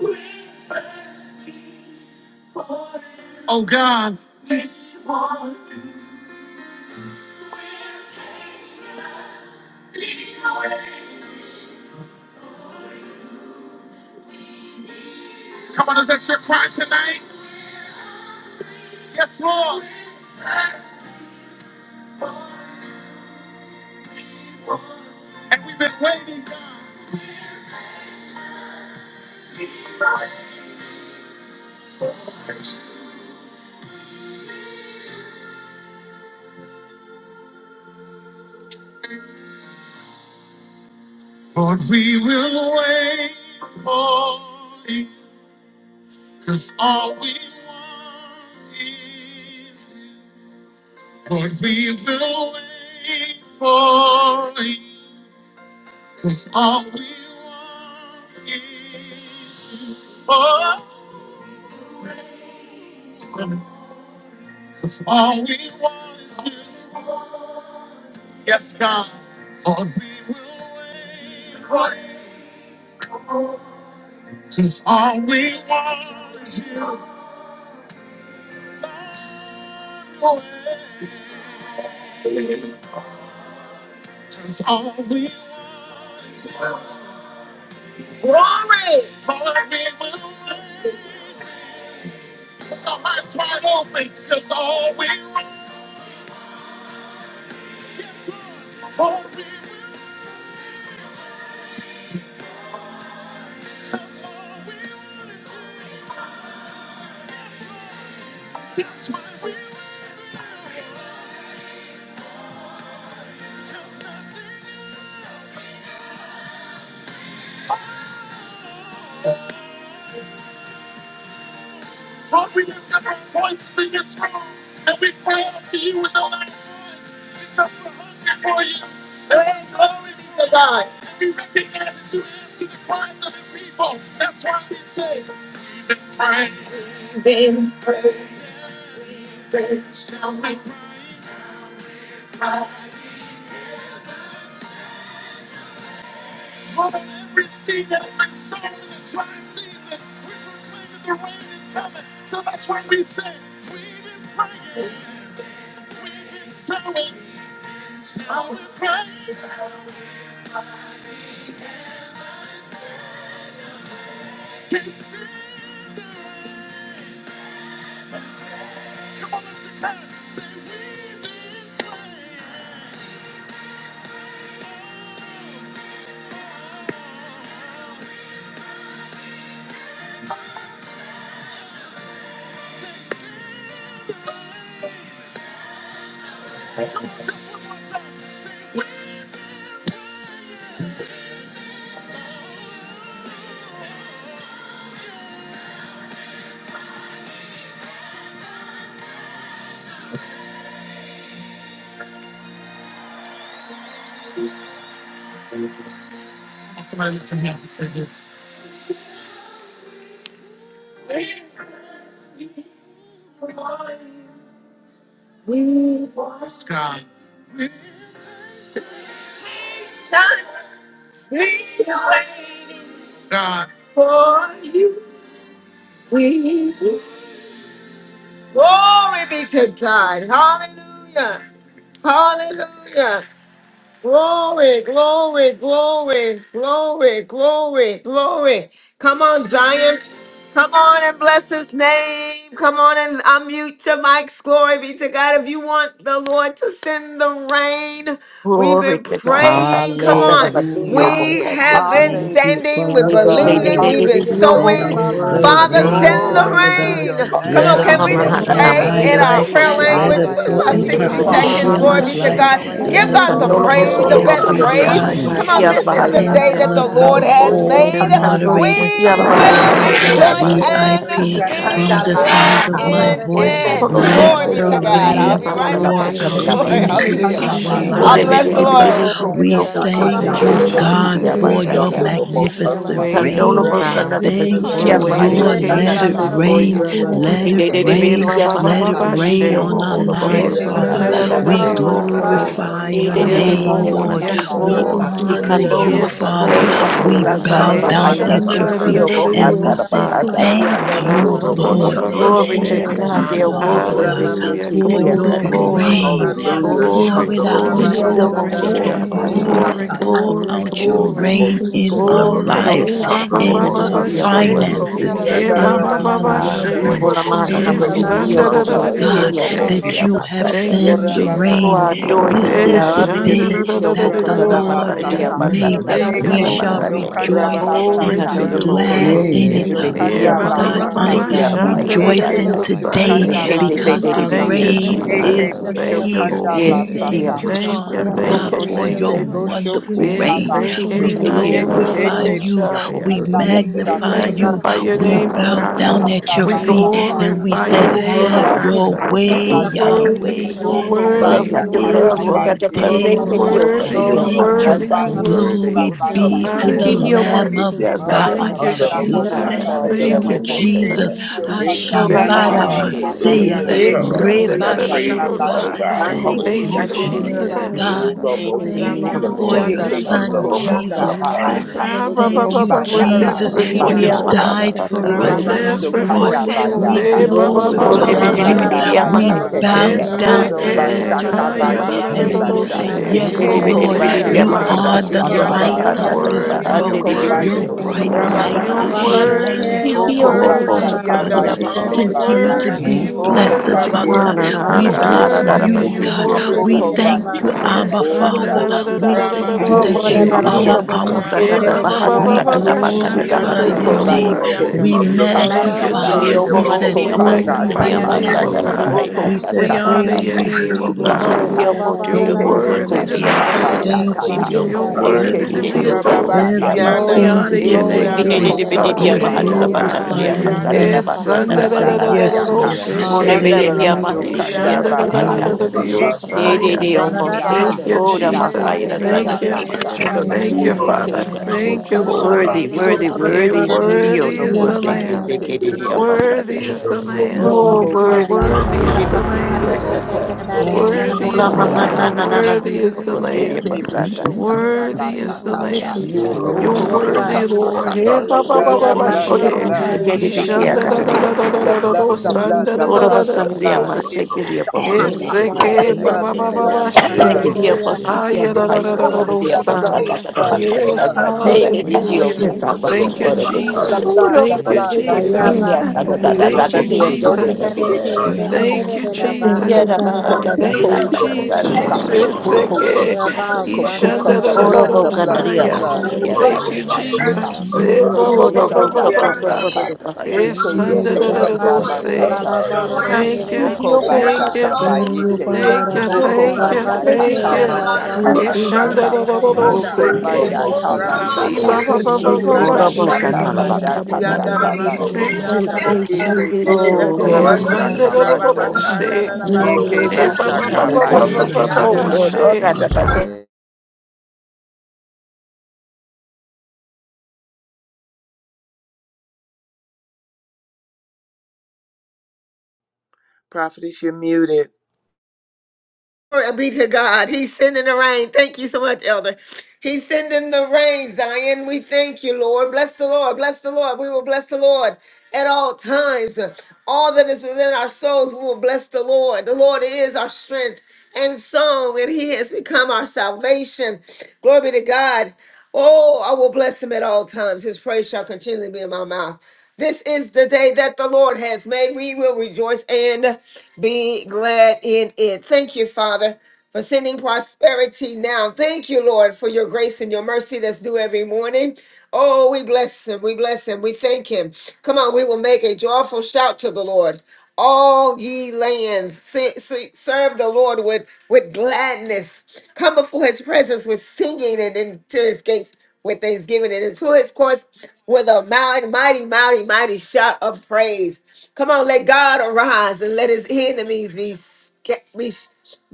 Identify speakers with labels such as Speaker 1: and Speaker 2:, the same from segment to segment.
Speaker 1: We shine before we. Glory be to God. Hallelujah. Hallelujah. Glory, glory, glory, glory, glory, glory. Come on, Zion. Come on and bless his name. Come on and unmute your mics. Glory be to God. If you want the Lord to send the rain, we've
Speaker 2: Glory
Speaker 1: been
Speaker 2: to God.
Speaker 1: praying. Come on.
Speaker 3: Jesus, glory to
Speaker 4: Hallelujah.
Speaker 1: We
Speaker 3: your
Speaker 2: Abasandarabatidiobonkande.
Speaker 3: name,
Speaker 1: have been
Speaker 4: Thank
Speaker 3: Jesus.
Speaker 4: you,
Speaker 1: standing, we're
Speaker 5: Hallelujah,
Speaker 4: Father
Speaker 3: Bless your
Speaker 5: Lord.
Speaker 1: believing,
Speaker 4: God.
Speaker 3: name,
Speaker 1: we've
Speaker 3: of
Speaker 1: been
Speaker 6: Hallelujah.
Speaker 3: Jesus.
Speaker 6: Haya
Speaker 5: Hallelujah.
Speaker 1: sowing.
Speaker 3: Your
Speaker 4: Send
Speaker 6: Baba
Speaker 7: Hallelujah.
Speaker 3: word,
Speaker 4: the
Speaker 3: to
Speaker 1: Father,
Speaker 2: Ilebedededededediobonkandadadiobo.
Speaker 6: Baba
Speaker 3: God.
Speaker 4: rain,
Speaker 1: send
Speaker 8: Shiere
Speaker 1: the
Speaker 8: de
Speaker 5: Glory
Speaker 4: Father
Speaker 6: Baba.
Speaker 5: to
Speaker 3: Your
Speaker 4: God.
Speaker 5: your
Speaker 1: rain.
Speaker 8: Beyasiki
Speaker 3: word,
Speaker 1: Come on,
Speaker 4: Let
Speaker 5: name.
Speaker 4: it
Speaker 3: God.
Speaker 1: can we just
Speaker 4: pour
Speaker 5: Send
Speaker 9: Mhm.
Speaker 3: Jesus,
Speaker 5: the
Speaker 6: Oh
Speaker 3: to
Speaker 4: in
Speaker 7: Hallelujah.
Speaker 8: Alalabayando.
Speaker 6: Rada
Speaker 4: my
Speaker 1: pray? in
Speaker 5: rain.
Speaker 1: our
Speaker 4: life.
Speaker 1: prayer
Speaker 3: God.
Speaker 4: Let
Speaker 6: Baba.
Speaker 1: language
Speaker 4: it
Speaker 1: for
Speaker 4: pour
Speaker 1: about
Speaker 4: in
Speaker 10: Eh
Speaker 5: Hallelujah,
Speaker 8: Yalabayasiki
Speaker 1: 60
Speaker 10: ba
Speaker 4: Prophet
Speaker 10: ba
Speaker 9: And
Speaker 10: ba
Speaker 8: Ede
Speaker 5: Father.
Speaker 10: ba
Speaker 1: seconds.
Speaker 8: de
Speaker 2: Olamananamaniyobokochekechekedidididiambasa.
Speaker 9: then
Speaker 1: Glory
Speaker 10: ba
Speaker 4: Sheila's
Speaker 1: be
Speaker 9: Lord,
Speaker 1: to
Speaker 8: Beyanda
Speaker 4: life.
Speaker 10: she,
Speaker 1: God.
Speaker 9: right.
Speaker 1: Give
Speaker 4: Let
Speaker 6: Kaya
Speaker 5: Hoshekanalasa.
Speaker 4: it
Speaker 1: God
Speaker 8: Rabayasoko
Speaker 1: the
Speaker 4: pour
Speaker 6: Bobo
Speaker 10: Thank
Speaker 8: Yede
Speaker 4: in
Speaker 10: you,
Speaker 8: de
Speaker 6: Boro
Speaker 3: Your
Speaker 1: praise, the
Speaker 10: Lord.
Speaker 1: best
Speaker 3: holy
Speaker 8: Beyahaya.
Speaker 10: Thank
Speaker 6: Rada
Speaker 10: you,
Speaker 3: God,
Speaker 1: praise.
Speaker 3: your
Speaker 9: Mhm.
Speaker 4: everybody
Speaker 10: Lord.
Speaker 1: Come on,
Speaker 6: Kere
Speaker 3: righteous
Speaker 1: this
Speaker 5: Ekebusokanalasa.
Speaker 1: is
Speaker 8: Shiere
Speaker 3: God.
Speaker 1: the
Speaker 8: de
Speaker 4: in
Speaker 6: Kanada
Speaker 2: Ikandolobosolobokandodeamasitialabahayalas.
Speaker 1: day that
Speaker 10: Yes,
Speaker 1: the
Speaker 8: Beyanda
Speaker 6: Basso
Speaker 1: Lord
Speaker 4: Clubhouse,
Speaker 10: Lord.
Speaker 1: has
Speaker 6: Rada.
Speaker 10: Thank
Speaker 4: all
Speaker 10: you,
Speaker 4: the
Speaker 1: made.
Speaker 8: Rabayasoko
Speaker 7: Yanda
Speaker 10: Lord.
Speaker 8: Ye.
Speaker 1: We
Speaker 5: Hoshekanalasa.
Speaker 7: baba
Speaker 4: moderators,
Speaker 7: surya
Speaker 9: Mhm.
Speaker 1: will
Speaker 10: Thank
Speaker 4: all
Speaker 10: you,
Speaker 8: Yalalabayanda
Speaker 4: the
Speaker 7: baba
Speaker 10: Jesus.
Speaker 8: Yede
Speaker 1: rejoice
Speaker 8: de
Speaker 7: surya
Speaker 1: and
Speaker 7: baba
Speaker 4: VIP,
Speaker 8: Beyasiki
Speaker 7: shanda
Speaker 4: from
Speaker 7: la
Speaker 1: be
Speaker 4: the
Speaker 6: Haya
Speaker 2: Kandositialabahayalasetialabahadadadadadabasandos.
Speaker 5: Hoshekanalasa.
Speaker 1: glad
Speaker 4: sound
Speaker 6: Baba
Speaker 10: Yes,
Speaker 8: Alalabayashoko
Speaker 4: of
Speaker 7: shanda
Speaker 9: It's
Speaker 6: Baba
Speaker 4: my
Speaker 7: la
Speaker 8: Ye.
Speaker 1: in
Speaker 9: not
Speaker 10: Lord.
Speaker 9: so
Speaker 4: voice,
Speaker 10: Thank
Speaker 6: Rada
Speaker 10: you,
Speaker 1: it.
Speaker 9: long to
Speaker 10: Lord.
Speaker 9: the
Speaker 4: let
Speaker 1: Glory be
Speaker 9: Lord,
Speaker 4: the
Speaker 6: Kere
Speaker 1: to
Speaker 8: Yalalabayanda
Speaker 7: raba
Speaker 9: Lord.
Speaker 1: God.
Speaker 6: Rada.
Speaker 5: Hokobishekanalasa.
Speaker 7: baba
Speaker 10: Eh,
Speaker 1: I'll
Speaker 4: rain
Speaker 1: be
Speaker 10: ba ba
Speaker 1: right
Speaker 7: surya
Speaker 10: ba
Speaker 4: pour
Speaker 10: ba
Speaker 8: Rabayasiki
Speaker 1: back.
Speaker 8: Ede
Speaker 4: out
Speaker 7: baba
Speaker 8: de
Speaker 10: she,
Speaker 1: Glory,
Speaker 9: And
Speaker 4: into
Speaker 7: surya
Speaker 8: Beyasichi
Speaker 1: hallelujah.
Speaker 2: Tolokochekedidididiabakalalabasadadabasikis.
Speaker 4: our
Speaker 7: baba
Speaker 10: ishanda
Speaker 9: rain,
Speaker 1: I
Speaker 7: surya
Speaker 5: Ekebusokanalasa.
Speaker 9: Lord,
Speaker 4: lives,
Speaker 1: bless
Speaker 6: Glory,
Speaker 8: Rabayasoko.
Speaker 7: baba
Speaker 1: the
Speaker 4: Father.
Speaker 1: Lord.
Speaker 6: glory.
Speaker 10: Ishanda-da-da-da-da-yosa.
Speaker 4: We
Speaker 6: Haya Baba
Speaker 4: thank
Speaker 10: Thank
Speaker 7: yanda
Speaker 8: Yararabayanda
Speaker 10: you,
Speaker 6: Baba
Speaker 4: you,
Speaker 6: Baba
Speaker 8: ye
Speaker 7: baba
Speaker 4: God,
Speaker 9: and
Speaker 6: Kere
Speaker 10: Jesus.
Speaker 7: surya
Speaker 4: for
Speaker 11: Shanda
Speaker 4: your
Speaker 2: Olebedededededediobokochekechekedidiabasasa.
Speaker 9: rain,
Speaker 6: Rada.
Speaker 7: baba
Speaker 9: Lord,
Speaker 11: Rabo
Speaker 8: shierebeyasiki
Speaker 10: We're
Speaker 4: magnificent
Speaker 9: the
Speaker 12: Oh,
Speaker 11: Sataya,
Speaker 10: waiting,
Speaker 2: Chandolo
Speaker 4: rain.
Speaker 10: oh
Speaker 8: alalabayando.
Speaker 7: rama
Speaker 2: Bosana,
Speaker 10: God.
Speaker 2: the
Speaker 4: Thank
Speaker 10: We're
Speaker 7: masanda
Speaker 4: you,
Speaker 2: Basitia
Speaker 7: rama
Speaker 6: Kere de da. De de
Speaker 2: Ryan,
Speaker 10: waiting
Speaker 2: a
Speaker 4: Lord.
Speaker 6: de
Speaker 2: Santa
Speaker 4: Let
Speaker 5: Bushakanda
Speaker 8: Hayalalabayasiki
Speaker 4: it
Speaker 9: rain,
Speaker 6: Kere
Speaker 10: patiently
Speaker 6: Rada.
Speaker 10: for
Speaker 2: Batiki.
Speaker 5: lasata.
Speaker 4: rain.
Speaker 10: you,
Speaker 7: raba
Speaker 8: erebeyasata
Speaker 7: baba
Speaker 10: Lord.
Speaker 4: Let
Speaker 2: E
Speaker 4: it
Speaker 2: de
Speaker 5: Heke
Speaker 2: de
Speaker 9: the
Speaker 2: de
Speaker 7: sanda
Speaker 10: Eh,
Speaker 5: Busho
Speaker 9: rain.
Speaker 4: rain.
Speaker 10: ba
Speaker 7: rama
Speaker 2: Bedinia
Speaker 10: ba ba
Speaker 8: yararabayasoko.
Speaker 5: kanda
Speaker 2: Mahana,
Speaker 4: Let
Speaker 10: ba
Speaker 4: it
Speaker 10: ba
Speaker 7: sete
Speaker 4: rain
Speaker 5: lasata.
Speaker 2: Madidio
Speaker 10: she,
Speaker 4: on
Speaker 8: Roba
Speaker 4: our
Speaker 2: Moholo
Speaker 7: e
Speaker 8: bakanda
Speaker 10: Eh,
Speaker 4: lives,
Speaker 2: Boholo
Speaker 5: Heke
Speaker 8: ye
Speaker 9: Mhm.
Speaker 7: yanda
Speaker 4: Father.
Speaker 5: Busho
Speaker 6: Haya
Speaker 7: rama
Speaker 2: Santa
Speaker 11: Rula
Speaker 4: We
Speaker 5: kanda
Speaker 6: Baba
Speaker 7: surya
Speaker 10: sanda-da-da-da-da-yo.
Speaker 2: Bacante.
Speaker 8: shierebeyasanda
Speaker 11: Boshanda
Speaker 7: baba
Speaker 5: lasata.
Speaker 6: Baba
Speaker 4: glorify
Speaker 2: E
Speaker 4: your
Speaker 7: shuturya
Speaker 2: de
Speaker 11: Sataya,
Speaker 2: de
Speaker 5: Koko
Speaker 7: yanda
Speaker 2: de
Speaker 10: Yes,
Speaker 8: yalalabaya.
Speaker 2: de
Speaker 4: name,
Speaker 6: Baba
Speaker 2: de
Speaker 5: Basha
Speaker 11: Rabo
Speaker 10: Lord.
Speaker 4: Lord.
Speaker 10: Yes,
Speaker 5: kanda
Speaker 7: kita
Speaker 2: Masiki.
Speaker 11: Sataya,
Speaker 6: Kere
Speaker 4: We
Speaker 6: Rada.
Speaker 7: raba
Speaker 10: Lord.
Speaker 5: lasata.
Speaker 2: E
Speaker 4: honor
Speaker 7: sanda
Speaker 11: Rula
Speaker 2: Candolo
Speaker 8: Yalalabayasiki
Speaker 4: you,
Speaker 5: Koko
Speaker 10: Yes,
Speaker 4: Father.
Speaker 7: raba
Speaker 11: Boshanda
Speaker 2: Bosandolo
Speaker 5: manda
Speaker 10: Lord.
Speaker 8: erebeyanda
Speaker 4: We
Speaker 11: Rabo
Speaker 2: Bahayla
Speaker 5: kata
Speaker 9: And the
Speaker 2: Sala
Speaker 4: bow
Speaker 5: kanda
Speaker 8: rarabayanda
Speaker 11: Shanda
Speaker 4: down
Speaker 11: Rabo
Speaker 9: rain,
Speaker 7: Rabamama
Speaker 2: Bahayla,
Speaker 9: Lord,
Speaker 4: at
Speaker 5: lasata.
Speaker 4: your
Speaker 9: Lord,
Speaker 6: Thank
Speaker 9: Lord,
Speaker 11: Sataya,
Speaker 2: Sintio
Speaker 4: feet
Speaker 9: Lord.
Speaker 8: rarabayasoko.
Speaker 7: Sandaraba,
Speaker 5: Heke
Speaker 4: and we
Speaker 2: Bohata
Speaker 5: Busho
Speaker 4: say,
Speaker 10: Eshandararararariosa.
Speaker 5: kanda
Speaker 2: Bahata.
Speaker 8: Shielalabaya
Speaker 4: Thank
Speaker 12: Oh
Speaker 5: lasata.
Speaker 12: na
Speaker 4: you,
Speaker 7: Yandaraba
Speaker 12: na
Speaker 11: Rula
Speaker 12: na
Speaker 8: sataya
Speaker 9: send
Speaker 12: na
Speaker 4: Lord.
Speaker 12: na
Speaker 9: your
Speaker 7: Surya
Speaker 12: na
Speaker 11: Boshanda
Speaker 12: ni
Speaker 2: Lord
Speaker 7: Daraba
Speaker 12: ya
Speaker 11: Rabo
Speaker 8: erebeyasata
Speaker 12: de
Speaker 2: Richard
Speaker 9: rain,
Speaker 4: Thank
Speaker 12: de
Speaker 10: Ababababashe.
Speaker 12: yo
Speaker 7: City,
Speaker 2: God,
Speaker 4: you,
Speaker 2: they are
Speaker 12: si.
Speaker 11: Sataya,
Speaker 2: more
Speaker 4: Father
Speaker 2: for
Speaker 11: Rabo
Speaker 2: the
Speaker 4: God,
Speaker 12: Oh na
Speaker 7: Ramama
Speaker 8: yararabayanda
Speaker 11: Sataya,
Speaker 12: ma
Speaker 10: Hallelujah.
Speaker 12: na
Speaker 4: for
Speaker 12: na
Speaker 7: Siko
Speaker 12: ni
Speaker 2: KPTS
Speaker 10: Glory,
Speaker 12: ni
Speaker 2: that
Speaker 4: your
Speaker 12: ni
Speaker 9: and
Speaker 2: day.
Speaker 12: yo
Speaker 7: Nonobu
Speaker 9: the
Speaker 12: do do
Speaker 10: glory,
Speaker 9: rain
Speaker 12: do
Speaker 4: rain.
Speaker 9: of
Speaker 7: Shatari
Speaker 12: do
Speaker 9: the
Speaker 12: do do
Speaker 11: Hallelujah,
Speaker 12: do
Speaker 7: Andaraba,
Speaker 12: do
Speaker 9: Holy
Speaker 8: Yalalabayando,
Speaker 12: do.
Speaker 10: glory,
Speaker 4: Pour it
Speaker 11: Shanda
Speaker 9: Ghost.
Speaker 2: She
Speaker 4: out.
Speaker 11: Rabo
Speaker 12: Ya
Speaker 10: glory,
Speaker 2: did
Speaker 12: shi
Speaker 2: it,
Speaker 7: Ramama
Speaker 4: Let
Speaker 12: ya
Speaker 2: you
Speaker 4: it
Speaker 12: la
Speaker 2: almost
Speaker 10: glory,
Speaker 12: la.
Speaker 2: see
Speaker 11: Sataya,
Speaker 8: Shiedebeya
Speaker 2: the
Speaker 5: Oko
Speaker 4: pour,
Speaker 2: other
Speaker 7: Sandaraba
Speaker 11: Rabo
Speaker 2: one,
Speaker 8: Siki
Speaker 4: Father
Speaker 11: Sataya.
Speaker 2: the
Speaker 4: God.
Speaker 5: bisa
Speaker 7: City,
Speaker 2: other.
Speaker 9: Take
Speaker 10: glory,
Speaker 8: Yalalabaya
Speaker 5: kata,
Speaker 4: Pour
Speaker 12: Ho
Speaker 10: glory,
Speaker 4: out
Speaker 12: ra
Speaker 4: your
Speaker 10: glory,
Speaker 8: Satayedebeya
Speaker 12: sha
Speaker 11: Rulable
Speaker 4: rain
Speaker 9: all
Speaker 12: yo
Speaker 4: in
Speaker 12: lo
Speaker 11: Sita
Speaker 9: the
Speaker 5: Aku
Speaker 12: si.
Speaker 9: good.
Speaker 4: our
Speaker 11: Yellow
Speaker 2: If you're
Speaker 5: bisa
Speaker 10: glory.
Speaker 2: the
Speaker 4: lives
Speaker 8: Roba
Speaker 2: town,
Speaker 5: kata,
Speaker 2: the
Speaker 12: Hi
Speaker 11: Shanda
Speaker 2: mother,
Speaker 12: de
Speaker 4: in
Speaker 2: but
Speaker 11: Romo
Speaker 3: And
Speaker 12: yo
Speaker 2: this
Speaker 4: our
Speaker 2: is
Speaker 12: lo
Speaker 3: Thank
Speaker 2: the
Speaker 3: you,
Speaker 12: lo
Speaker 8: Bakandaye,
Speaker 2: other
Speaker 12: lo lo
Speaker 2: one,
Speaker 11: Sata
Speaker 5: Oko bisa kata, kata, Aku
Speaker 10: Ebabababashe.
Speaker 2: for
Speaker 9: And
Speaker 12: lo
Speaker 3: Jesus.
Speaker 9: we
Speaker 12: lo
Speaker 11: Yellow
Speaker 12: lo
Speaker 4: finances,
Speaker 12: lo
Speaker 5: bisa
Speaker 9: feel the
Speaker 5: kata,
Speaker 12: lo
Speaker 8: Yalalabaya
Speaker 3: I
Speaker 9: refill
Speaker 12: lo
Speaker 4: in
Speaker 9: of
Speaker 5: kata,
Speaker 7: Yandaraba
Speaker 12: lo lo
Speaker 3: see
Speaker 2: the
Speaker 4: our
Speaker 9: your
Speaker 7: Surya
Speaker 3: God,
Speaker 12: ya.
Speaker 5: kata,
Speaker 4: loved
Speaker 8: Sitiedebeya
Speaker 10: Ebabababashe.
Speaker 4: one.
Speaker 9: rain.
Speaker 7: Daraba,
Speaker 2: Ola
Speaker 11: Rulable
Speaker 8: Siki
Speaker 2: mahana
Speaker 5: kata.
Speaker 2: na
Speaker 12: Ho
Speaker 3: oh,
Speaker 11: Shanda
Speaker 4: Thank you,
Speaker 12: ra
Speaker 11: Romo
Speaker 12: ra
Speaker 8: Yalalabayanda
Speaker 2: manili
Speaker 12: ra
Speaker 3: Jesus.
Speaker 12: ra
Speaker 2: yogo
Speaker 12: ra
Speaker 4: Father
Speaker 2: for
Speaker 12: ra
Speaker 11: Sata
Speaker 12: ra
Speaker 8: Rabayanda
Speaker 12: ra
Speaker 4: God,
Speaker 2: kekeli
Speaker 12: ra
Speaker 2: ya
Speaker 11: Yellow
Speaker 12: ra
Speaker 9: Thank
Speaker 10: Esandararararioshe.
Speaker 9: you,
Speaker 12: ra.
Speaker 2: kusili
Speaker 4: that
Speaker 2: ya
Speaker 8: Rabayando,
Speaker 4: you
Speaker 9: Lord.
Speaker 4: have
Speaker 3: I see
Speaker 2: matata.
Speaker 10: Thank you,
Speaker 4: sent the
Speaker 2: Oh,
Speaker 7: Yorababa
Speaker 4: rain.
Speaker 12: E
Speaker 2: I
Speaker 8: Shiedebeya
Speaker 3: the
Speaker 10: Jesus.
Speaker 12: ya
Speaker 2: adore
Speaker 12: ra
Speaker 9: Thank
Speaker 2: you,
Speaker 3: mighty
Speaker 12: ra
Speaker 4: This
Speaker 12: ra
Speaker 9: you,
Speaker 2: Lord.
Speaker 7: Siandaraba,
Speaker 2: I
Speaker 4: is
Speaker 12: ra
Speaker 9: Lord.
Speaker 3: God,
Speaker 12: ra
Speaker 4: the
Speaker 8: Satayedebeya
Speaker 2: honor you.
Speaker 12: ra.
Speaker 3: you
Speaker 4: day
Speaker 8: Soko
Speaker 5: Heke
Speaker 2: Didi
Speaker 12: Shi re
Speaker 5: busho
Speaker 2: yogo
Speaker 4: that
Speaker 12: re
Speaker 4: the
Speaker 12: re re
Speaker 5: kanda
Speaker 8: Yalalabayanda
Speaker 2: kazana
Speaker 12: ro
Speaker 7: Ramama
Speaker 5: la
Speaker 12: ro
Speaker 4: Lord
Speaker 2: makadidi
Speaker 12: ro
Speaker 8: Rabaya,
Speaker 10: Eshandararararariosaya.
Speaker 2: ya
Speaker 12: ro
Speaker 7: Surya
Speaker 5: sata.
Speaker 4: has
Speaker 12: ro ro ro
Speaker 2: masana
Speaker 4: made.
Speaker 7: Daraba
Speaker 2: na
Speaker 12: ro.
Speaker 9: Mm-hmm.
Speaker 10: Thank you,
Speaker 12: Si
Speaker 4: We
Speaker 5: Heke
Speaker 7: City,
Speaker 2: sakana
Speaker 12: ya
Speaker 9: mm-hmm,
Speaker 12: na
Speaker 4: shall
Speaker 5: busho
Speaker 10: Lord.
Speaker 12: na
Speaker 2: makane.
Speaker 12: ma
Speaker 5: kanda
Speaker 12: sa.
Speaker 8: Yalalabayanda
Speaker 4: rejoice
Speaker 5: la
Speaker 7: Rababa
Speaker 10: Glory
Speaker 4: and
Speaker 5: sata.
Speaker 8: Rabaya
Speaker 10: to
Speaker 2: Ikana
Speaker 4: be
Speaker 7: Surya
Speaker 2: na
Speaker 10: you,
Speaker 12: E
Speaker 8: Soko
Speaker 2: boko
Speaker 12: ke
Speaker 7: Daraba
Speaker 4: glad
Speaker 2: so
Speaker 5: Heke
Speaker 10: Lord.
Speaker 12: te
Speaker 9: Hey,
Speaker 4: in
Speaker 7: City.
Speaker 2: kede
Speaker 12: ne
Speaker 4: it.
Speaker 2: de
Speaker 5: busho
Speaker 2: de
Speaker 8: Yedebeya
Speaker 12: mo
Speaker 9: Amanda.
Speaker 2: didi
Speaker 10: Eh,
Speaker 12: si
Speaker 5: kanda
Speaker 2: ya
Speaker 4: Father
Speaker 10: ba,
Speaker 5: la
Speaker 12: ke
Speaker 10: ba,
Speaker 2: mahaya
Speaker 12: ne
Speaker 4: God,
Speaker 8: Rabaya
Speaker 10: ba,
Speaker 2: na
Speaker 7: Ramamama
Speaker 10: ba,
Speaker 12: ma
Speaker 8: Sat.
Speaker 9: Yep.
Speaker 4: I
Speaker 10: ba,
Speaker 2: sendi
Speaker 5: takanda.
Speaker 2: ya na
Speaker 4: am
Speaker 12: si
Speaker 7: Surianda
Speaker 12: ya
Speaker 2: mahaya
Speaker 12: ne
Speaker 10: shanda,
Speaker 2: na
Speaker 10: da,
Speaker 12: ni
Speaker 10: da,
Speaker 12: yo.
Speaker 10: da,
Speaker 5: Heke
Speaker 7: Ramase.
Speaker 8: Yala
Speaker 4: rejoicing
Speaker 12: si.
Speaker 2: sata.
Speaker 8: la
Speaker 5: busho
Speaker 8: bayanda
Speaker 4: today
Speaker 9: Hey,
Speaker 8: da
Speaker 10: yosaya.
Speaker 5: kanda
Speaker 8: da
Speaker 9: yep.
Speaker 5: la
Speaker 7: Thank
Speaker 2: Ikese
Speaker 8: baya
Speaker 7: you,
Speaker 12: Oh,
Speaker 2: de
Speaker 4: because
Speaker 12: na,
Speaker 2: de
Speaker 9: Yeah,
Speaker 2: de
Speaker 4: the
Speaker 12: na,
Speaker 9: yeah,
Speaker 5: sakata.
Speaker 7: Father.
Speaker 2: didi
Speaker 12: na,
Speaker 10: Thank
Speaker 8: sikiye
Speaker 2: ya
Speaker 9: yeah,
Speaker 10: you,
Speaker 8: de
Speaker 12: na,
Speaker 2: na
Speaker 12: na,
Speaker 4: rain
Speaker 12: ni,
Speaker 5: Heke
Speaker 9: yeah.
Speaker 8: bayanda
Speaker 12: ah,
Speaker 2: mahana.
Speaker 8: da
Speaker 12: no,
Speaker 8: da
Speaker 4: is
Speaker 10: Jesus.
Speaker 12: no,
Speaker 5: busho
Speaker 12: no,
Speaker 8: baya
Speaker 10: Thank
Speaker 12: no,
Speaker 10: you,
Speaker 12: no,
Speaker 4: here.
Speaker 5: kanda
Speaker 12: no.
Speaker 10: Lord.
Speaker 5: la
Speaker 8: sokuye
Speaker 2: Yes,
Speaker 8: de
Speaker 2: the
Speaker 9: okay,
Speaker 8: de
Speaker 2: key of
Speaker 4: Thank
Speaker 5: sata.
Speaker 8: baya.
Speaker 4: you,
Speaker 9: lady.
Speaker 10: Thank you,
Speaker 4: Father
Speaker 2: Kanshakana na
Speaker 10: thank
Speaker 4: God,
Speaker 10: you,
Speaker 2: mahana.
Speaker 12: Oh,
Speaker 4: for
Speaker 12: ra,
Speaker 8: Şiye de
Speaker 10: thank
Speaker 5: Okoshike
Speaker 12: ra,
Speaker 4: your
Speaker 8: de
Speaker 12: ra,
Speaker 10: you.
Speaker 12: ra.
Speaker 8: baya
Speaker 5: Bosho
Speaker 4: wonderful
Speaker 8: sikiye
Speaker 10: Eh,
Speaker 9: Yes,
Speaker 5: Kunda
Speaker 4: rain.
Speaker 10: se,
Speaker 9: I
Speaker 5: Lasa.
Speaker 8: bayanda da
Speaker 2: Jesus,
Speaker 9: said
Speaker 4: We
Speaker 10: ke,
Speaker 2: thank
Speaker 10: na,
Speaker 12: Ye,
Speaker 9: that.
Speaker 12: de,
Speaker 8: bayasi
Speaker 10: ya,
Speaker 8: chiere
Speaker 9: Yeah,
Speaker 10: da,
Speaker 8: da bayanda
Speaker 12: de,
Speaker 2: you.
Speaker 10: da,
Speaker 8: da
Speaker 12: yo.
Speaker 10: da,
Speaker 8: da
Speaker 5: Eke
Speaker 10: da,
Speaker 4: glorify
Speaker 8: baya
Speaker 4: you
Speaker 2: Ya
Speaker 5: Busho
Speaker 10: yosaya.
Speaker 2: moto
Speaker 4: we
Speaker 2: na
Speaker 5: Kanda
Speaker 8: sokuye.
Speaker 2: boko
Speaker 9: yeah,
Speaker 2: de
Speaker 10: We
Speaker 12: Oh,
Speaker 2: de
Speaker 9: yeah.
Speaker 12: ra,
Speaker 4: magnify
Speaker 5: Lasata.
Speaker 12: ra,
Speaker 8: Şiye de de
Speaker 4: you.
Speaker 12: de,
Speaker 2: de
Speaker 10: magnify
Speaker 12: ro,
Speaker 10: your
Speaker 12: ro, ro,
Speaker 4: We
Speaker 10: name,
Speaker 5: Eke
Speaker 12: ro.
Speaker 10: O
Speaker 4: bow
Speaker 8: da
Speaker 5: Busho
Speaker 9: yeah,
Speaker 2: No
Speaker 10: God.
Speaker 9: uh,
Speaker 4: down
Speaker 2: one
Speaker 4: at
Speaker 5: Kanda
Speaker 8: bayasa
Speaker 4: your
Speaker 2: like
Speaker 10: We
Speaker 12: Ye,
Speaker 6: you.
Speaker 2: you,
Speaker 12: de,
Speaker 8: chiere da baya sikiye
Speaker 9: yeah,
Speaker 12: de,
Speaker 8: la
Speaker 2: Lord.
Speaker 4: feet
Speaker 12: de, de,
Speaker 5: Lasata.
Speaker 4: and
Speaker 12: yo
Speaker 9: yeah,
Speaker 4: we
Speaker 8: bayanda
Speaker 12: ro,
Speaker 9: yeah.
Speaker 10: glorify
Speaker 12: ro,
Speaker 8: da da
Speaker 12: ro,
Speaker 10: your
Speaker 4: said,
Speaker 12: ro,
Speaker 10: name,
Speaker 5: Oko
Speaker 12: ro.
Speaker 8: bayanda
Speaker 10: O
Speaker 8: da
Speaker 4: Have
Speaker 2: Honor
Speaker 8: da
Speaker 2: you,
Speaker 5: Baye
Speaker 6: Glory,
Speaker 4: your
Speaker 8: baya
Speaker 10: God.
Speaker 12: Oh.
Speaker 5: Kike
Speaker 4: way,
Speaker 10: You're
Speaker 9: yeah.
Speaker 8: soku.
Speaker 9: Hey,
Speaker 5: Bata.
Speaker 12: Hey,
Speaker 2: Lord.
Speaker 9: hey, hey,
Speaker 10: worthy,
Speaker 12: ye,
Speaker 9: hey,
Speaker 4: Yahweh.
Speaker 12: na,
Speaker 10: you're
Speaker 9: look,
Speaker 12: na,
Speaker 8: Şiye
Speaker 9: uh,
Speaker 5: Oko
Speaker 8: de
Speaker 12: na,
Speaker 9: yeah,
Speaker 10: worthy,
Speaker 5: Baye
Speaker 2: love,
Speaker 4: This
Speaker 12: ni,
Speaker 10: you're
Speaker 2: like your
Speaker 8: bayanda
Speaker 12: ni,
Speaker 5: Kata
Speaker 8: da
Speaker 4: is
Speaker 12: oh,
Speaker 8: da
Speaker 9: yeah.
Speaker 2: love,
Speaker 10: worthy.
Speaker 2: Lord
Speaker 4: your
Speaker 8: baya
Speaker 12: so.
Speaker 5: Baye
Speaker 2: God, the
Speaker 12: Ka,
Speaker 5: Kike
Speaker 8: sikiye
Speaker 12: na,
Speaker 4: day,
Speaker 8: de
Speaker 10: You're
Speaker 2: perfect
Speaker 12: ma,
Speaker 2: make
Speaker 6: glory,
Speaker 5: Bata.
Speaker 2: you
Speaker 4: Lord.
Speaker 12: sa,
Speaker 2: over
Speaker 8: bayanda
Speaker 9: Uh,
Speaker 12: ya,
Speaker 10: worthy,
Speaker 2: the
Speaker 8: da
Speaker 12: na.
Speaker 8: da
Speaker 10: you're
Speaker 2: dear my
Speaker 6: glory.
Speaker 8: baya
Speaker 4: Thank
Speaker 9: uh,
Speaker 5: Oko
Speaker 2: God.
Speaker 4: you.
Speaker 10: worthy, you're
Speaker 8: haya.
Speaker 9: uh,
Speaker 5: Baye
Speaker 12: Hey, ra, ra,
Speaker 10: worthy.
Speaker 5: Kiba
Speaker 12: ra,
Speaker 4: Glory
Speaker 12: ra,
Speaker 8: Yala
Speaker 12: di,
Speaker 8: la
Speaker 4: be
Speaker 12: ro,
Speaker 2: To
Speaker 5: Basata.
Speaker 4: to
Speaker 2: you
Speaker 12: ro,
Speaker 4: the
Speaker 12: ro,
Speaker 2: did
Speaker 8: bayanda
Speaker 9: mm,
Speaker 12: ro,
Speaker 8: da
Speaker 2: your
Speaker 8: da
Speaker 12: ro,
Speaker 10: Hallelujah,
Speaker 12: ro,
Speaker 2: own
Speaker 4: Lamb
Speaker 9: mm, mm,
Speaker 12: ro,
Speaker 2: to
Speaker 8: baya
Speaker 4: of
Speaker 12: ro,
Speaker 2: dear
Speaker 5: Eke
Speaker 12: ro,
Speaker 8: sikiye
Speaker 12: ro.
Speaker 8: de
Speaker 2: God,
Speaker 7: Ah,
Speaker 8: de
Speaker 5: Busho
Speaker 10: Thank
Speaker 4: God.
Speaker 10: you,
Speaker 8: baya
Speaker 7: Rababa
Speaker 2: and
Speaker 5: Kanda
Speaker 2: I'm
Speaker 4: We
Speaker 12: Ye,
Speaker 8: da bayasa chiere
Speaker 2: not
Speaker 12: ra,
Speaker 8: da
Speaker 12: ra,
Speaker 2: that,
Speaker 12: ra,
Speaker 5: Lasata.
Speaker 7: Surianda
Speaker 10: Jesus.
Speaker 2: but
Speaker 12: di,
Speaker 8: baya.
Speaker 4: thank
Speaker 2: dear
Speaker 12: di,
Speaker 10: Thank
Speaker 4: you,
Speaker 2: my
Speaker 10: you,
Speaker 12: ro,
Speaker 7: Ramase.
Speaker 12: ro,
Speaker 2: man.
Speaker 12: ro,
Speaker 2: So
Speaker 5: Eke
Speaker 12: ro,
Speaker 4: Jesus.
Speaker 12: di,
Speaker 9: mm,
Speaker 12: ah,
Speaker 10: Jesus.
Speaker 5: Busho
Speaker 12: si, ro, ro,
Speaker 5: Kanda
Speaker 12: ro,
Speaker 2: love,
Speaker 12: ro.
Speaker 2: I
Speaker 7: Kesianda
Speaker 10: Thank
Speaker 8: Shiererebeas,
Speaker 2: have
Speaker 10: you,
Speaker 4: Hashambara
Speaker 2: to
Speaker 5: Lasata.
Speaker 2: give
Speaker 9: mm, mm,
Speaker 7: namasatari
Speaker 2: you
Speaker 8: Chiererabayanda,
Speaker 4: Maseya
Speaker 12: Oh,
Speaker 10: Jesus.
Speaker 2: over
Speaker 11: Hallelujah.
Speaker 7: andara
Speaker 12: na,
Speaker 2: the
Speaker 5: Eke
Speaker 10: Thank
Speaker 12: na,
Speaker 11: So
Speaker 2: dear
Speaker 9: mm. mm,
Speaker 2: my
Speaker 8: Rabayaso,
Speaker 12: na,
Speaker 9: mm.
Speaker 7: bosori
Speaker 11: I
Speaker 4: Reba
Speaker 12: na,
Speaker 5: Busho
Speaker 2: Santa.
Speaker 12: na,
Speaker 7: andara.
Speaker 8: Ye,
Speaker 11: praise
Speaker 12: na,
Speaker 5: Kanda
Speaker 11: you,
Speaker 12: na,
Speaker 4: Shamba.
Speaker 12: na,
Speaker 11: Father
Speaker 12: na.
Speaker 5: Lasata.
Speaker 11: God.
Speaker 8: Roba
Speaker 7: Ikando
Speaker 4: Thank you,
Speaker 10: you,
Speaker 8: Bacanda,
Speaker 5: Oko
Speaker 11: Hallelujah.
Speaker 12: Ha
Speaker 7: boshande de
Speaker 12: na
Speaker 8: Ye,
Speaker 4: Father
Speaker 5: Shike
Speaker 12: na na na
Speaker 7: rabase.
Speaker 10: Jesus.
Speaker 12: na
Speaker 11: Oh,
Speaker 4: God.
Speaker 8: Rerebeyanda,
Speaker 12: na
Speaker 11: Lord,
Speaker 12: na
Speaker 11: most
Speaker 12: na
Speaker 4: Thank
Speaker 12: na
Speaker 2: Nini,
Speaker 10: Thank
Speaker 8: Rabayaso,
Speaker 12: na
Speaker 4: you
Speaker 2: I'm
Speaker 10: you,
Speaker 11: you,
Speaker 8: to
Speaker 12: na,
Speaker 2: not
Speaker 11: Lord,
Speaker 12: na
Speaker 7: Ramasi
Speaker 4: for
Speaker 2: that.
Speaker 10: Lord.
Speaker 8: Ye,
Speaker 4: your
Speaker 7: andara
Speaker 11: most
Speaker 10: Thank you,
Speaker 11: you,
Speaker 4: Son,
Speaker 7: basori
Speaker 11: Lord,
Speaker 10: Lord.
Speaker 8: Rerebeyahaya,
Speaker 11: most
Speaker 7: andara
Speaker 4: Jesus
Speaker 12: Ye
Speaker 7: ba.
Speaker 12: na na
Speaker 10: We,
Speaker 12: na
Speaker 4: Christ.
Speaker 5: Hekeshikotugabayaka,
Speaker 12: na
Speaker 10: ah,
Speaker 12: na
Speaker 10: ba,
Speaker 12: na
Speaker 10: ba,
Speaker 7: Eke
Speaker 12: na
Speaker 4: Thank
Speaker 10: ba,
Speaker 4: you,
Speaker 12: na
Speaker 10: ba,
Speaker 8: Shialabayasa,
Speaker 12: na
Speaker 10: we're
Speaker 7: shandara
Speaker 5: kumbayaka,
Speaker 12: na
Speaker 4: Jesus.
Speaker 2: Oh,
Speaker 10: desperate
Speaker 7: rabasi
Speaker 12: na
Speaker 10: for
Speaker 8: Tayanabayanda,
Speaker 10: you,
Speaker 4: You
Speaker 2: dear,
Speaker 11: you.
Speaker 12: na,
Speaker 7: andara
Speaker 5: kumbayaka,
Speaker 7: ba.
Speaker 12: na
Speaker 2: my
Speaker 10: Lord.
Speaker 4: died for
Speaker 8: Rabayaso,
Speaker 12: ye
Speaker 10: We're
Speaker 9: Ah,
Speaker 4: us
Speaker 12: ye
Speaker 9: yeah,
Speaker 12: na mu
Speaker 4: on
Speaker 7: Rabababa
Speaker 4: the
Speaker 8: Ye,
Speaker 10: desperate
Speaker 9: yeah,
Speaker 7: sori
Speaker 10: for
Speaker 4: cross.
Speaker 10: you,
Speaker 7: andara
Speaker 10: Lord.
Speaker 7: ba.
Speaker 11: Hallelujah.
Speaker 4: We
Speaker 5: hekebushokandabayaka,
Speaker 10: Eh, ba,
Speaker 8: Hayalabayando,
Speaker 10: ba,
Speaker 6: Baba
Speaker 10: ba, ba,
Speaker 4: glorify
Speaker 5: kolo
Speaker 10: ba,
Speaker 8: Rabayasi,
Speaker 9: mm,
Speaker 4: you.
Speaker 5: shanda
Speaker 6: Barekeya
Speaker 10: sha.
Speaker 7: Ramasi
Speaker 6: Baba
Speaker 9: mm,
Speaker 4: We
Speaker 7: andara
Speaker 9: mm.
Speaker 8: Chiererebeyanda,
Speaker 5: shandabayeke,
Speaker 4: bow
Speaker 7: masori
Speaker 10: It's
Speaker 8: Rabayasi,
Speaker 4: down
Speaker 7: andara
Speaker 5: kolo
Speaker 7: ba.
Speaker 10: okay.
Speaker 4: at
Speaker 6: Baba
Speaker 8: Chiererebeyanda,
Speaker 4: your
Speaker 5: bashaka
Speaker 10: Ha, ya,
Speaker 4: feet
Speaker 10: da,
Speaker 7: Rababa
Speaker 10: da,
Speaker 9: Yeah,
Speaker 5: bashakabayeke
Speaker 10: da,
Speaker 4: and
Speaker 9: yeah,
Speaker 10: da,
Speaker 8: Rabayasaya,
Speaker 4: we
Speaker 10: da,
Speaker 5: basha,
Speaker 7: seke
Speaker 4: say,
Speaker 10: she.
Speaker 9: yeah,
Speaker 4: Yes,
Speaker 9: yeah.
Speaker 7: shande
Speaker 5: koko
Speaker 4: Lord,
Speaker 8: Shiererebeyasa,
Speaker 10: Thank you,
Speaker 7: korianda.
Speaker 4: you
Speaker 5: bayeke
Speaker 10: Father.
Speaker 4: are the
Speaker 8: Tayanabayaso,
Speaker 5: bashaka
Speaker 7: Ianda
Speaker 4: light
Speaker 10: You're
Speaker 5: basa,
Speaker 4: of
Speaker 9: yeah,
Speaker 4: this
Speaker 8: Koyalabayanda,
Speaker 7: rabasori
Speaker 10: worthy. You're
Speaker 4: world.
Speaker 5: koko
Speaker 7: andara ba.
Speaker 5: bay,
Speaker 4: Your
Speaker 10: worthy.
Speaker 2: Oh,
Speaker 4: bright
Speaker 2: God.
Speaker 9: yeah, yeah,
Speaker 4: light
Speaker 7: Rababa
Speaker 10: You're
Speaker 4: is
Speaker 9: yeah.
Speaker 8: Rabaya,
Speaker 7: seke
Speaker 8: you are
Speaker 10: worthy.
Speaker 4: shining
Speaker 7: yandara ba.
Speaker 10: You're
Speaker 5: koko
Speaker 2: Honor,
Speaker 4: on
Speaker 10: worthy.
Speaker 5: bashaka
Speaker 4: us, Father
Speaker 7: Iandara
Speaker 4: God.
Speaker 5: bashakabayeke
Speaker 10: You're
Speaker 7: basori
Speaker 6: Hasere
Speaker 4: Continue
Speaker 5: basa,
Speaker 7: andara
Speaker 4: to
Speaker 7: ba.
Speaker 10: worthy,
Speaker 6: Anabaha
Speaker 4: be
Speaker 9: and
Speaker 10: you're
Speaker 5: koko
Speaker 4: bless us,
Speaker 11: The
Speaker 9: Father.
Speaker 10: worthy,
Speaker 4: Father
Speaker 7: Rababa
Speaker 11: word
Speaker 4: God.
Speaker 5: bayeke
Speaker 11: is to be
Speaker 4: We
Speaker 10: you're
Speaker 2: honor,
Speaker 6: Glory,
Speaker 8: worthy,
Speaker 5: Bashaka
Speaker 7: Sotorianda
Speaker 11: praised,
Speaker 4: bless
Speaker 2: honor,
Speaker 5: Basa,
Speaker 2: that of
Speaker 7: Rama.
Speaker 11: Father
Speaker 8: God.
Speaker 10: worthy,
Speaker 2: a
Speaker 4: you,
Speaker 10: you're
Speaker 11: God.
Speaker 9: Hey,
Speaker 2: seat,
Speaker 4: God.
Speaker 2: your word,
Speaker 4: We
Speaker 8: Father,
Speaker 10: worthy.
Speaker 5: Oko
Speaker 11: Hallelujah.
Speaker 5: ba
Speaker 4: thank you,
Speaker 2: that
Speaker 5: yeke ba
Speaker 10: Yes,
Speaker 4: Abba
Speaker 11: All
Speaker 5: sha
Speaker 11: of us
Speaker 10: Santa
Speaker 5: sha
Speaker 12: Oh,
Speaker 4: Father.
Speaker 10: da da
Speaker 5: ba
Speaker 11: who
Speaker 10: da da
Speaker 5: sha.
Speaker 4: We
Speaker 11: take
Speaker 10: da da
Speaker 11: your
Speaker 7: Rama
Speaker 10: da
Speaker 9: I
Speaker 4: thank you
Speaker 10: da
Speaker 11: Lord,
Speaker 8: we
Speaker 9: have
Speaker 4: that
Speaker 12: Oh,
Speaker 9: a
Speaker 7: Sanda
Speaker 5: Yeke
Speaker 12: da,
Speaker 4: you
Speaker 8: love
Speaker 12: da,
Speaker 10: share.
Speaker 11: Shanda
Speaker 7: Rabo
Speaker 12: da,
Speaker 4: are
Speaker 5: busho
Speaker 8: you.
Speaker 12: da, da,
Speaker 11: Lama
Speaker 9: Father.
Speaker 12: da,
Speaker 4: our
Speaker 5: kanda
Speaker 12: da,
Speaker 5: ba
Speaker 10: Yeah,
Speaker 7: Sorianda.
Speaker 12: da.
Speaker 11: Satai,
Speaker 5: na
Speaker 4: Father.
Speaker 10: ba ba
Speaker 5: ta
Speaker 12: Ah,
Speaker 10: ba
Speaker 5: ka
Speaker 12: yeah,
Speaker 10: ba
Speaker 11: Lama.
Speaker 4: We
Speaker 12: da,
Speaker 5: ba
Speaker 10: ba
Speaker 12: da,
Speaker 5: ta
Speaker 12: da,
Speaker 10: ba
Speaker 12: da,
Speaker 5: ka.
Speaker 4: glorify
Speaker 12: da, da,
Speaker 10: shanda
Speaker 12: da,
Speaker 10: da
Speaker 7: Kianda
Speaker 10: da
Speaker 12: da,
Speaker 4: glorify
Speaker 12: da.
Speaker 4: your
Speaker 5: Oko
Speaker 7: Raba
Speaker 10: yo
Speaker 5: ba
Speaker 11: All
Speaker 4: name.
Speaker 11: of
Speaker 5: yeke
Speaker 11: us,
Speaker 10: Sunday.
Speaker 7: Sorianda
Speaker 4: We
Speaker 5: butu
Speaker 8: Father,
Speaker 7: Raba.
Speaker 9: Mhm,
Speaker 11: Shanda
Speaker 8: we
Speaker 9: mhm.
Speaker 11: Lama
Speaker 12: Hirioro,
Speaker 10: Thank
Speaker 5: kamana
Speaker 10: you,
Speaker 8: adore
Speaker 4: magnify.
Speaker 5: na.
Speaker 11: Satai,
Speaker 8: you.
Speaker 4: We
Speaker 8: There's
Speaker 11: Lama, Shanda
Speaker 10: Jesus.
Speaker 4: said,
Speaker 5: Oko
Speaker 10: We
Speaker 12: shirororororororo.
Speaker 8: none,
Speaker 5: kanga
Speaker 4: Holy,
Speaker 10: magnify
Speaker 5: ka
Speaker 10: your
Speaker 5: ka
Speaker 4: holy,
Speaker 10: name,
Speaker 8: hallelujah,
Speaker 10: oh
Speaker 12: Eh, yeah,
Speaker 4: holy.
Speaker 12: da,
Speaker 10: God.
Speaker 12: da, da,
Speaker 5: Oko
Speaker 4: We
Speaker 12: da,
Speaker 8: above
Speaker 12: da,
Speaker 4: said,
Speaker 12: da.
Speaker 10: We
Speaker 8: you,
Speaker 5: kuta
Speaker 8: O
Speaker 5: ka
Speaker 10: honor
Speaker 2: of
Speaker 10: your
Speaker 5: tuko
Speaker 4: Holy,
Speaker 8: God.
Speaker 10: name, oh
Speaker 5: nuku
Speaker 4: holy,
Speaker 8: Oh,
Speaker 5: kwa ka
Speaker 12: Oh,
Speaker 10: God.
Speaker 4: holy.
Speaker 5: ka.
Speaker 12: da, da,
Speaker 8: yalalabaya
Speaker 12: da, da,
Speaker 10: You're
Speaker 12: da, da,
Speaker 5: Heke
Speaker 4: Holy
Speaker 8: sataya,
Speaker 5: tuko
Speaker 10: worthy
Speaker 4: Father
Speaker 10: to
Speaker 12: yorororo.
Speaker 8: yalalabaya,
Speaker 10: be
Speaker 4: God,
Speaker 5: tuka ba ta
Speaker 10: praised.
Speaker 8: yalalabaya,
Speaker 5: ka
Speaker 4: thank you,
Speaker 11: Lama
Speaker 12: Oh,
Speaker 4: Lord,
Speaker 8: shtiya,
Speaker 10: You're
Speaker 12: ba,
Speaker 4: for
Speaker 11: Satai,
Speaker 12: na,
Speaker 11: Lama,
Speaker 8: yalalabaya,
Speaker 5: Eke
Speaker 10: worthy
Speaker 12: na,
Speaker 10: to
Speaker 11: Shanda
Speaker 10: be
Speaker 4: everything,
Speaker 5: busho
Speaker 8: daya.
Speaker 12: shiki,
Speaker 7: Rababa
Speaker 5: kanda
Speaker 10: adored.
Speaker 12: oh,
Speaker 5: la
Speaker 12: na,
Speaker 8: Ye
Speaker 12: ma,
Speaker 5: ta.
Speaker 8: Ye
Speaker 7: Sianda
Speaker 10: We
Speaker 4: everything
Speaker 7: Rama
Speaker 10: honor
Speaker 8: Ye
Speaker 4: that
Speaker 10: your
Speaker 12: siero.
Speaker 4: you
Speaker 5: Eshe
Speaker 4: are
Speaker 8: ye
Speaker 10: name.
Speaker 6: glory,
Speaker 7: Sorianda
Speaker 10: We
Speaker 4: doing.
Speaker 5: shiko
Speaker 8: baya
Speaker 7: Raba.
Speaker 12: Oh, ma,
Speaker 8: Soko,
Speaker 10: exalt
Speaker 12: ni,
Speaker 5: tuko
Speaker 6: Hayaba,
Speaker 4: We
Speaker 10: your
Speaker 12: ni,
Speaker 11: Lama
Speaker 8: Ye
Speaker 11: Satai,
Speaker 12: ni,
Speaker 8: de
Speaker 10: name,
Speaker 12: ni,
Speaker 5: kanda
Speaker 10: oh
Speaker 11: Lama.
Speaker 5: ba.
Speaker 10: God.
Speaker 8: Bayanda
Speaker 6: Hayaba.
Speaker 4: glorify
Speaker 8: de
Speaker 12: yororororo,
Speaker 4: your
Speaker 12: ni,
Speaker 11: Santai,
Speaker 8: baya
Speaker 7: Kesorianda
Speaker 5: Eke
Speaker 4: name.
Speaker 10: Yes,
Speaker 12: yes.
Speaker 7: Raba.
Speaker 8: Haya.
Speaker 5: busho
Speaker 4: We
Speaker 10: Sunday da
Speaker 5: kanda
Speaker 10: da
Speaker 4: say,
Speaker 8: She
Speaker 10: da
Speaker 12: You're
Speaker 5: ba
Speaker 2: the
Speaker 10: da da
Speaker 4: Yes,
Speaker 8: de
Speaker 10: da
Speaker 5: yaka.
Speaker 4: Lord.
Speaker 12: holy,
Speaker 8: baya
Speaker 12: you're
Speaker 8: City,
Speaker 2: Ore
Speaker 8: Ye
Speaker 10: shake.
Speaker 12: worthy,
Speaker 8: de
Speaker 7: Ikanda
Speaker 5: Eke
Speaker 2: bedelia
Speaker 7: Raba
Speaker 4: Hallelujah.
Speaker 12: God.
Speaker 8: Bayanda
Speaker 5: busho
Speaker 12: Yeah,
Speaker 8: de
Speaker 12: na, ma,
Speaker 2: masiki
Speaker 8: baya
Speaker 5: kanda
Speaker 7: Sorianda.
Speaker 12: sa,
Speaker 5: ba
Speaker 11: Thank
Speaker 8: Soko,
Speaker 12: da,
Speaker 5: sa.
Speaker 9: Hey, I
Speaker 12: da,
Speaker 8: Ye
Speaker 2: arabahata.
Speaker 12: da,
Speaker 9: have a
Speaker 8: de
Speaker 12: da,
Speaker 13: Thank
Speaker 12: da, da.
Speaker 8: Bayanda
Speaker 9: child.
Speaker 8: de
Speaker 2: Yede
Speaker 10: Ishandadadadadadadiyosaya.
Speaker 2: de
Speaker 8: baya
Speaker 7: Thank you,
Speaker 8: Haya.
Speaker 5: Mundala,
Speaker 12: Eh,
Speaker 2: omosi.
Speaker 10: Thank
Speaker 12: yeah,
Speaker 7: Father.
Speaker 10: you,
Speaker 12: da,
Speaker 2: Ora
Speaker 5: mundala,
Speaker 8: She
Speaker 10: Jesus.
Speaker 2: bahaya
Speaker 8: de
Speaker 2: sana
Speaker 10: Thank
Speaker 8: baya
Speaker 7: Rama
Speaker 2: de
Speaker 5: mundala,
Speaker 10: you.
Speaker 8: City, Ye
Speaker 5: ta.
Speaker 8: de
Speaker 12: yes.
Speaker 2: amakando
Speaker 9: Hey,
Speaker 8: Bayanda
Speaker 10: Thank you,
Speaker 8: de
Speaker 2: bedelia
Speaker 12: Ooh,
Speaker 9: I
Speaker 8: baya
Speaker 5: Eke
Speaker 12: na,
Speaker 10: Father.
Speaker 2: sata.
Speaker 12: na, na,
Speaker 5: busho
Speaker 8: Haya.
Speaker 12: na,
Speaker 10: Thank
Speaker 12: na,
Speaker 9: have
Speaker 10: you,
Speaker 9: a
Speaker 12: na,
Speaker 5: kanda
Speaker 12: na,
Speaker 10: Lord.
Speaker 9: child.
Speaker 12: na,
Speaker 5: la
Speaker 8: Yala
Speaker 2: Worthy,
Speaker 8: la
Speaker 12: dee,
Speaker 2: worthy,
Speaker 12: oh,
Speaker 5: taka.
Speaker 12: do,
Speaker 8: Bayanda
Speaker 12: do,
Speaker 10: Yeah,
Speaker 8: de
Speaker 12: do,
Speaker 2: worthy.
Speaker 12: do, do.
Speaker 8: baya
Speaker 2: Dio
Speaker 5: Eke
Speaker 10: worthy
Speaker 8: Soko,
Speaker 2: no
Speaker 8: Ye
Speaker 10: is
Speaker 5: ke
Speaker 10: the
Speaker 5: ke
Speaker 8: de
Speaker 2: kote
Speaker 6: Radaka,
Speaker 2: ke
Speaker 5: ke
Speaker 10: Lamb.
Speaker 2: te
Speaker 8: Bayanda
Speaker 5: ke
Speaker 2: ke de
Speaker 8: de
Speaker 5: ke
Speaker 2: dia
Speaker 8: baya
Speaker 5: ke ke
Speaker 8: Sata,
Speaker 5: ke
Speaker 2: pasata.
Speaker 10: Worthy
Speaker 8: Ye
Speaker 12: Ooh,
Speaker 8: de
Speaker 5: ke.
Speaker 10: is the
Speaker 8: baya She
Speaker 10: Lamb.
Speaker 8: she la
Speaker 6: Wobo
Speaker 2: Oh,
Speaker 9: Mhm.
Speaker 5: Oko
Speaker 12: glory.
Speaker 5: manda
Speaker 2: worthy is
Speaker 8: Oh,
Speaker 6: weteke
Speaker 10: Worthy
Speaker 2: you
Speaker 8: Rabba
Speaker 5: kanda.
Speaker 2: de
Speaker 10: is
Speaker 2: de
Speaker 10: the
Speaker 6: abamba
Speaker 12: Shaka,
Speaker 2: dio
Speaker 8: Bakaya,
Speaker 10: Lamb.
Speaker 12: na,
Speaker 5: Oko
Speaker 6: darega
Speaker 12: na,
Speaker 2: tata.
Speaker 12: na,
Speaker 9: You
Speaker 5: kike
Speaker 9: are
Speaker 8: Rebeyanda,
Speaker 11: you.
Speaker 6: dararera
Speaker 12: shake,
Speaker 8: baya
Speaker 12: ne,
Speaker 5: busho
Speaker 10: Worthy
Speaker 6: raba
Speaker 2: Ula
Speaker 10: is
Speaker 12: bo,
Speaker 9: worthy,
Speaker 10: the
Speaker 9: oh
Speaker 5: kanda
Speaker 12: si.
Speaker 8: Soko.
Speaker 2: mahana
Speaker 5: la
Speaker 10: Lamb.
Speaker 9: God.
Speaker 2: na na na
Speaker 5: taka.
Speaker 10: Worthy
Speaker 2: dio
Speaker 10: is
Speaker 2: no
Speaker 12: Iri,
Speaker 10: the
Speaker 8: Shiererebeya
Speaker 12: di,
Speaker 2: kote
Speaker 12: oh,
Speaker 2: de
Speaker 10: Lamb.
Speaker 5: Eke
Speaker 12: di,
Speaker 9: Mm
Speaker 12: oh,
Speaker 9: mm
Speaker 2: pasata.
Speaker 12: shi,
Speaker 5: busho
Speaker 12: ah,
Speaker 9: mm
Speaker 8: satayerebeya
Speaker 12: da, da,
Speaker 9: mm.
Speaker 12: da,
Speaker 5: kanda
Speaker 12: do,
Speaker 5: la
Speaker 12: do,
Speaker 10: Worthy
Speaker 12: do,
Speaker 8: ndararabaya
Speaker 12: do,
Speaker 10: is
Speaker 12: do,
Speaker 10: the
Speaker 12: bo,
Speaker 5: takata.
Speaker 12: shi,
Speaker 10: Lamb.
Speaker 9: You
Speaker 12: ah,
Speaker 8: ndararabaya
Speaker 12: da,
Speaker 9: are
Speaker 12: da.
Speaker 10: You're
Speaker 6: reke
Speaker 8: haya.
Speaker 5: Oko
Speaker 9: worthy, God.
Speaker 10: worthy,
Speaker 6: yaba
Speaker 5: tuta
Speaker 12: Eh, ya,
Speaker 2: Atata.
Speaker 12: di,
Speaker 10: Lord.
Speaker 12: di,
Speaker 10: Eh,
Speaker 5: takata.
Speaker 8: Shiererebeya
Speaker 12: oh, do,
Speaker 5: The
Speaker 10: ba,
Speaker 12: do,
Speaker 10: ba,
Speaker 12: do,
Speaker 10: ba,
Speaker 5: blood,
Speaker 12: di,
Speaker 10: ba,
Speaker 5: the
Speaker 12: ah,
Speaker 10: ba,
Speaker 12: do,
Speaker 6: ayaba
Speaker 12: do,
Speaker 5: blood,
Speaker 8: satayerebeya
Speaker 12: do,
Speaker 2: Ora
Speaker 5: the
Speaker 12: do,
Speaker 10: she.
Speaker 6: baba
Speaker 12: do,
Speaker 6: ba
Speaker 9: Mm
Speaker 12: bo.
Speaker 2: kose
Speaker 5: blood.
Speaker 8: haya.
Speaker 9: mm
Speaker 2: ke de
Speaker 9: mm
Speaker 6: reke
Speaker 2: bikia
Speaker 10: Ishanda
Speaker 12: Eh, ya,
Speaker 10: da
Speaker 2: kado de
Speaker 12: da,
Speaker 10: da
Speaker 5: Hashakataka.
Speaker 6: dararaba
Speaker 10: da
Speaker 12: da,
Speaker 2: ama.
Speaker 12: da,
Speaker 10: da
Speaker 8: Shiererebeya
Speaker 12: da,
Speaker 10: da
Speaker 5: The
Speaker 10: da
Speaker 12: di, ah,
Speaker 10: da
Speaker 12: da,
Speaker 5: blood,
Speaker 10: do,
Speaker 12: da,
Speaker 5: the
Speaker 12: di, di,
Speaker 5: blood,
Speaker 10: sanda
Speaker 12: di,
Speaker 5: the
Speaker 10: da
Speaker 8: satayeyalabaya
Speaker 12: oh,
Speaker 10: da
Speaker 2: Ora
Speaker 12: di,
Speaker 10: da
Speaker 5: blood,
Speaker 12: di,
Speaker 10: da
Speaker 5: the
Speaker 12: oh,
Speaker 10: da.
Speaker 2: basana de
Speaker 8: ndararabaya
Speaker 12: si, ah,
Speaker 5: blood.
Speaker 12: da,
Speaker 2: ama
Speaker 12: da,
Speaker 2: se
Speaker 12: do, do,
Speaker 8: soko.
Speaker 2: ke
Speaker 12: bo.
Speaker 2: de
Speaker 9: And we
Speaker 5: Heshishakaka.
Speaker 9: met.
Speaker 14: The drought is over. The
Speaker 5: The
Speaker 10: Eseke
Speaker 2: pasata.
Speaker 12: E
Speaker 5: blood,
Speaker 10: baba
Speaker 5: the
Speaker 10: baba
Speaker 12: mana
Speaker 5: blood,
Speaker 8: Robabandayerebeya
Speaker 5: the
Speaker 6: ayaba
Speaker 9: Mm.
Speaker 10: bashe.
Speaker 2: Nekidia
Speaker 12: shakana,
Speaker 6: yokoya
Speaker 5: blood.
Speaker 8: satayerebeya
Speaker 2: Positia
Speaker 12: o
Speaker 9: Yes,
Speaker 8: haya.
Speaker 6: mahasana
Speaker 12: se
Speaker 2: Mahayana
Speaker 5: Ah,
Speaker 12: te
Speaker 6: maha
Speaker 12: re
Speaker 2: Samidia
Speaker 5: The
Speaker 12: e
Speaker 5: blood,
Speaker 10: Ayadadadadadadosa.
Speaker 2: Masata
Speaker 8: Shiererebeya
Speaker 5: the
Speaker 12: roshi
Speaker 9: Lord.
Speaker 5: blood, the
Speaker 12: antara
Speaker 2: Mahayana
Speaker 10: Yes,
Speaker 5: blood.
Speaker 8: satayerebeya
Speaker 5: He
Speaker 12: roosi,
Speaker 5: said,
Speaker 2: Navy
Speaker 9: We
Speaker 5: she
Speaker 8: ndararabaya
Speaker 5: take
Speaker 9: are
Speaker 2: Indio
Speaker 10: hallelujah.
Speaker 12: she
Speaker 9: the
Speaker 8: soko.
Speaker 12: na
Speaker 9: Lord.
Speaker 2: Forward.
Speaker 10: Thank
Speaker 12: mana
Speaker 10: you,
Speaker 12: na
Speaker 9: I
Speaker 12: ni
Speaker 8: Hora
Speaker 5: the
Speaker 10: Jesus.
Speaker 8: baba
Speaker 5: blood, the
Speaker 2: Urok
Speaker 12: rodi
Speaker 10: Thank
Speaker 8: kanda
Speaker 10: you,
Speaker 5: blood,
Speaker 8: ye
Speaker 2: Positia
Speaker 5: the
Speaker 8: ne
Speaker 12: asi,
Speaker 8: ne
Speaker 9: am
Speaker 8: be
Speaker 5: blood.
Speaker 6: ayaba
Speaker 2: Nikia
Speaker 10: Jesus.
Speaker 8: yanda
Speaker 5: He
Speaker 8: ne
Speaker 5: said,
Speaker 2: Tata
Speaker 8: ne
Speaker 12: he
Speaker 8: be
Speaker 12: ro
Speaker 5: take
Speaker 2: Tata
Speaker 5: the
Speaker 12: ro
Speaker 10: Thank
Speaker 12: ro
Speaker 2: Tata
Speaker 10: you,
Speaker 9: a
Speaker 12: ro ro
Speaker 2: Tia
Speaker 9: child.
Speaker 12: ni
Speaker 8: yasanda
Speaker 5: blood.
Speaker 2: Jordan
Speaker 8: ye
Speaker 6: kere
Speaker 10: Jesus.
Speaker 5: He
Speaker 2: Pikin.
Speaker 12: antirosi,
Speaker 5: can
Speaker 6: kere
Speaker 12: he
Speaker 9: Yeah.
Speaker 8: hey
Speaker 5: tiko
Speaker 12: he
Speaker 10: Thank you,
Speaker 6: dererere
Speaker 5: kuko
Speaker 12: he
Speaker 8: roba
Speaker 12: he
Speaker 6: raba
Speaker 5: kuko
Speaker 2: Sekiera
Speaker 10: Jesus.
Speaker 6: harara
Speaker 5: kuko
Speaker 8: bakaye
Speaker 2: Mahadana
Speaker 11: Thank
Speaker 12: he he
Speaker 5: kuko
Speaker 10: Thank you,
Speaker 2: Sana
Speaker 5: kuko
Speaker 8: shayala la
Speaker 2: Masande.
Speaker 5: kuka.
Speaker 8: be
Speaker 10: Jesus.
Speaker 9: hmm,
Speaker 11: you.
Speaker 12: he
Speaker 8: yanda
Speaker 12: ni
Speaker 8: ne ne
Speaker 5: Huko
Speaker 8: be
Speaker 5: she
Speaker 10: Eseke
Speaker 5: take
Speaker 8: yasanda
Speaker 6: yaba
Speaker 8: ye
Speaker 12: antirosi,
Speaker 5: tiko
Speaker 8: ne ne be
Speaker 5: kuka.
Speaker 8: ya
Speaker 5: The
Speaker 6: barararara
Speaker 12: he
Speaker 5: blood,
Speaker 12: ro
Speaker 2: Orobo
Speaker 5: the
Speaker 6: raba
Speaker 12: ro ro
Speaker 5: blood, the
Speaker 2: Canaria
Speaker 12: ro
Speaker 8: ye
Speaker 10: ishandadadadadosaya.
Speaker 8: ne
Speaker 5: blood.
Speaker 8: ne
Speaker 5: He
Speaker 8: be
Speaker 12: ro
Speaker 2: Masikia
Speaker 5: said,
Speaker 12: roshi,
Speaker 10: Thank
Speaker 2: Sana.
Speaker 5: take
Speaker 10: you,
Speaker 8: yasata ye
Speaker 5: the
Speaker 8: ne ne be
Speaker 5: kaka.
Speaker 10: Jesus.
Speaker 8: yanda
Speaker 12: he
Speaker 8: ne ne
Speaker 10: Eh,
Speaker 8: be
Speaker 10: ba, ba,
Speaker 5: Hoko
Speaker 10: ba, ba,
Speaker 2: Orobo
Speaker 8: yasuku
Speaker 10: ba,
Speaker 8: ye
Speaker 5: shanda
Speaker 8: ne
Speaker 2: Soko
Speaker 10: ba,
Speaker 8: ne be
Speaker 10: ba.
Speaker 2: Soko to
Speaker 8: yanda
Speaker 5: bataka.
Speaker 2: the
Speaker 8: ne ne be
Speaker 5: He
Speaker 2: Mahayana
Speaker 5: can
Speaker 12: he he he he he he ni antiroshi, he ro
Speaker 5: be
Speaker 8: yashata
Speaker 2: Kia
Speaker 12: ro ro
Speaker 2: Sana.
Speaker 12: ro
Speaker 6: ayaba
Speaker 12: ro
Speaker 5: kanda
Speaker 12: ro ro ni
Speaker 10: Esandadadadadose.
Speaker 5: basata.
Speaker 6: kelala
Speaker 8: Yalalabaya,
Speaker 6: bara
Speaker 2: Ona
Speaker 6: reke
Speaker 10: Thank
Speaker 8: Dadabaya,
Speaker 12: antiroshi.
Speaker 10: you.
Speaker 5: Oko
Speaker 8: Sanda
Speaker 2: Sidio
Speaker 6: dererere
Speaker 2: Boku
Speaker 10: Thank
Speaker 6: raba
Speaker 10: you.
Speaker 5: bashaka
Speaker 8: Yedebaya
Speaker 2: Soko.
Speaker 8: Haya,
Speaker 5: bayeke.
Speaker 14: drought
Speaker 10: Thank
Speaker 14: is
Speaker 10: you,
Speaker 5: Oko
Speaker 10: thank
Speaker 14: over.
Speaker 10: you,
Speaker 6: baba
Speaker 8: Shedebaya,
Speaker 5: manda
Speaker 8: Sata
Speaker 10: thank
Speaker 6: reke
Speaker 5: kaka
Speaker 12: Ayananandiriyorobosi.
Speaker 10: you.
Speaker 5: manda
Speaker 14: Father,
Speaker 6: alaba
Speaker 8: Yedebaya,
Speaker 14: that the
Speaker 5: kala
Speaker 6: reke
Speaker 14: drought
Speaker 10: Ishanda
Speaker 14: is
Speaker 8: Dadabaya
Speaker 5: saka.
Speaker 7: Sianda
Speaker 10: da da da
Speaker 6: yaba
Speaker 8: Haya,
Speaker 10: do
Speaker 5: Oko
Speaker 7: Raba.
Speaker 14: over.
Speaker 10: seke.
Speaker 5: manda
Speaker 14: Oh, come
Speaker 8: Yadabaya,
Speaker 12: Onanashekererererererereriyoro.
Speaker 5: kala
Speaker 14: on,
Speaker 10: Iba
Speaker 5: shaka.
Speaker 10: ba
Speaker 8: Dodabaya,
Speaker 7: Ramamaseke
Speaker 10: ba
Speaker 8: Sata
Speaker 10: ba
Speaker 14: we
Speaker 10: ba
Speaker 5: Eke
Speaker 10: ba
Speaker 7: ikando
Speaker 2: Orobo
Speaker 8: Yedebaya,
Speaker 10: she.
Speaker 7: busha.
Speaker 14: can
Speaker 5: bashaka
Speaker 2: Sakala
Speaker 8: Dadabaya,
Speaker 5: manda
Speaker 2: Bakasa
Speaker 8: Sata
Speaker 5: kata
Speaker 2: Kanaria.
Speaker 5: kala
Speaker 8: Yedebaya,
Speaker 14: Heaven,
Speaker 6: reke
Speaker 7: Yandaramasuri
Speaker 12: Onamasiyerererererereriyoshia.
Speaker 5: tuko.
Speaker 10: It's
Speaker 8: Dadabaya
Speaker 14: heaven,
Speaker 7: yandarabas.
Speaker 8: Haya,
Speaker 6: dararara
Speaker 5: Eke
Speaker 14: heaven, send
Speaker 6: reke
Speaker 7: Yes,
Speaker 2: Oh,
Speaker 5: bishoko
Speaker 14: the
Speaker 7: Lord.
Speaker 2: Malama.
Speaker 14: rain,
Speaker 10: Ishanda
Speaker 5: bashaka
Speaker 8: Yedebaya,
Speaker 10: da
Speaker 13: you.
Speaker 6: dararaba
Speaker 10: da da
Speaker 8: Sata
Speaker 12: Iririyororororiyoshiero.
Speaker 10: do
Speaker 5: bashaka.
Speaker 14: Father.
Speaker 8: Yedebaya,
Speaker 10: she.
Speaker 14: Oh,
Speaker 5: Eke
Speaker 14: come
Speaker 7: Rababasandarabasete.
Speaker 8: Dadabaya
Speaker 10: Iba
Speaker 14: and keep
Speaker 10: ba
Speaker 8: Haya,
Speaker 10: ba
Speaker 5: bashaka
Speaker 14: the
Speaker 10: ba
Speaker 14: people,
Speaker 10: ba
Speaker 8: Hey,
Speaker 14: Lord.
Speaker 10: ba
Speaker 7: Hey,
Speaker 5: bayeke
Speaker 2: Hallelujah.
Speaker 10: ba ba
Speaker 2: Oh,
Speaker 12: Ikandamasandanaraniyandiriyo.
Speaker 10: ba
Speaker 14: stop.
Speaker 8: Roba
Speaker 2: glory.
Speaker 5: bashaka.
Speaker 2: Oh,
Speaker 10: she.
Speaker 2: God,
Speaker 9: hmm,
Speaker 2: that
Speaker 8: Bakanda
Speaker 2: my-
Speaker 7: yandarabasika.
Speaker 8: Ye.
Speaker 12: Onana-
Speaker 7: Prophetess, you're muted.
Speaker 1: Glory be to God. He's sending the rain. Thank you so much, Elder. He's sending the rain, Zion. We thank you, Lord. Bless the Lord. Bless the Lord. We will bless the Lord at all times. All that is within our souls, we will bless the Lord. The Lord is our strength and song, and He has become our salvation. Glory be to God. Oh, I will bless him at all times. His praise shall continually be in my mouth. This is the day that the Lord has made. We will rejoice and be glad in it. Thank you, Father, for sending prosperity now. Thank you, Lord, for your grace and your mercy that's due every morning. Oh, we bless him. We bless him. We thank him. Come on, we will make a joyful shout to the Lord. All ye lands, se- se- serve the Lord with, with gladness. Come before his presence with singing and into his gates with thanksgiving and into his courts with a mighty, mighty, mighty, mighty shout of praise. Come on, let God arise and let his enemies be, sca- be,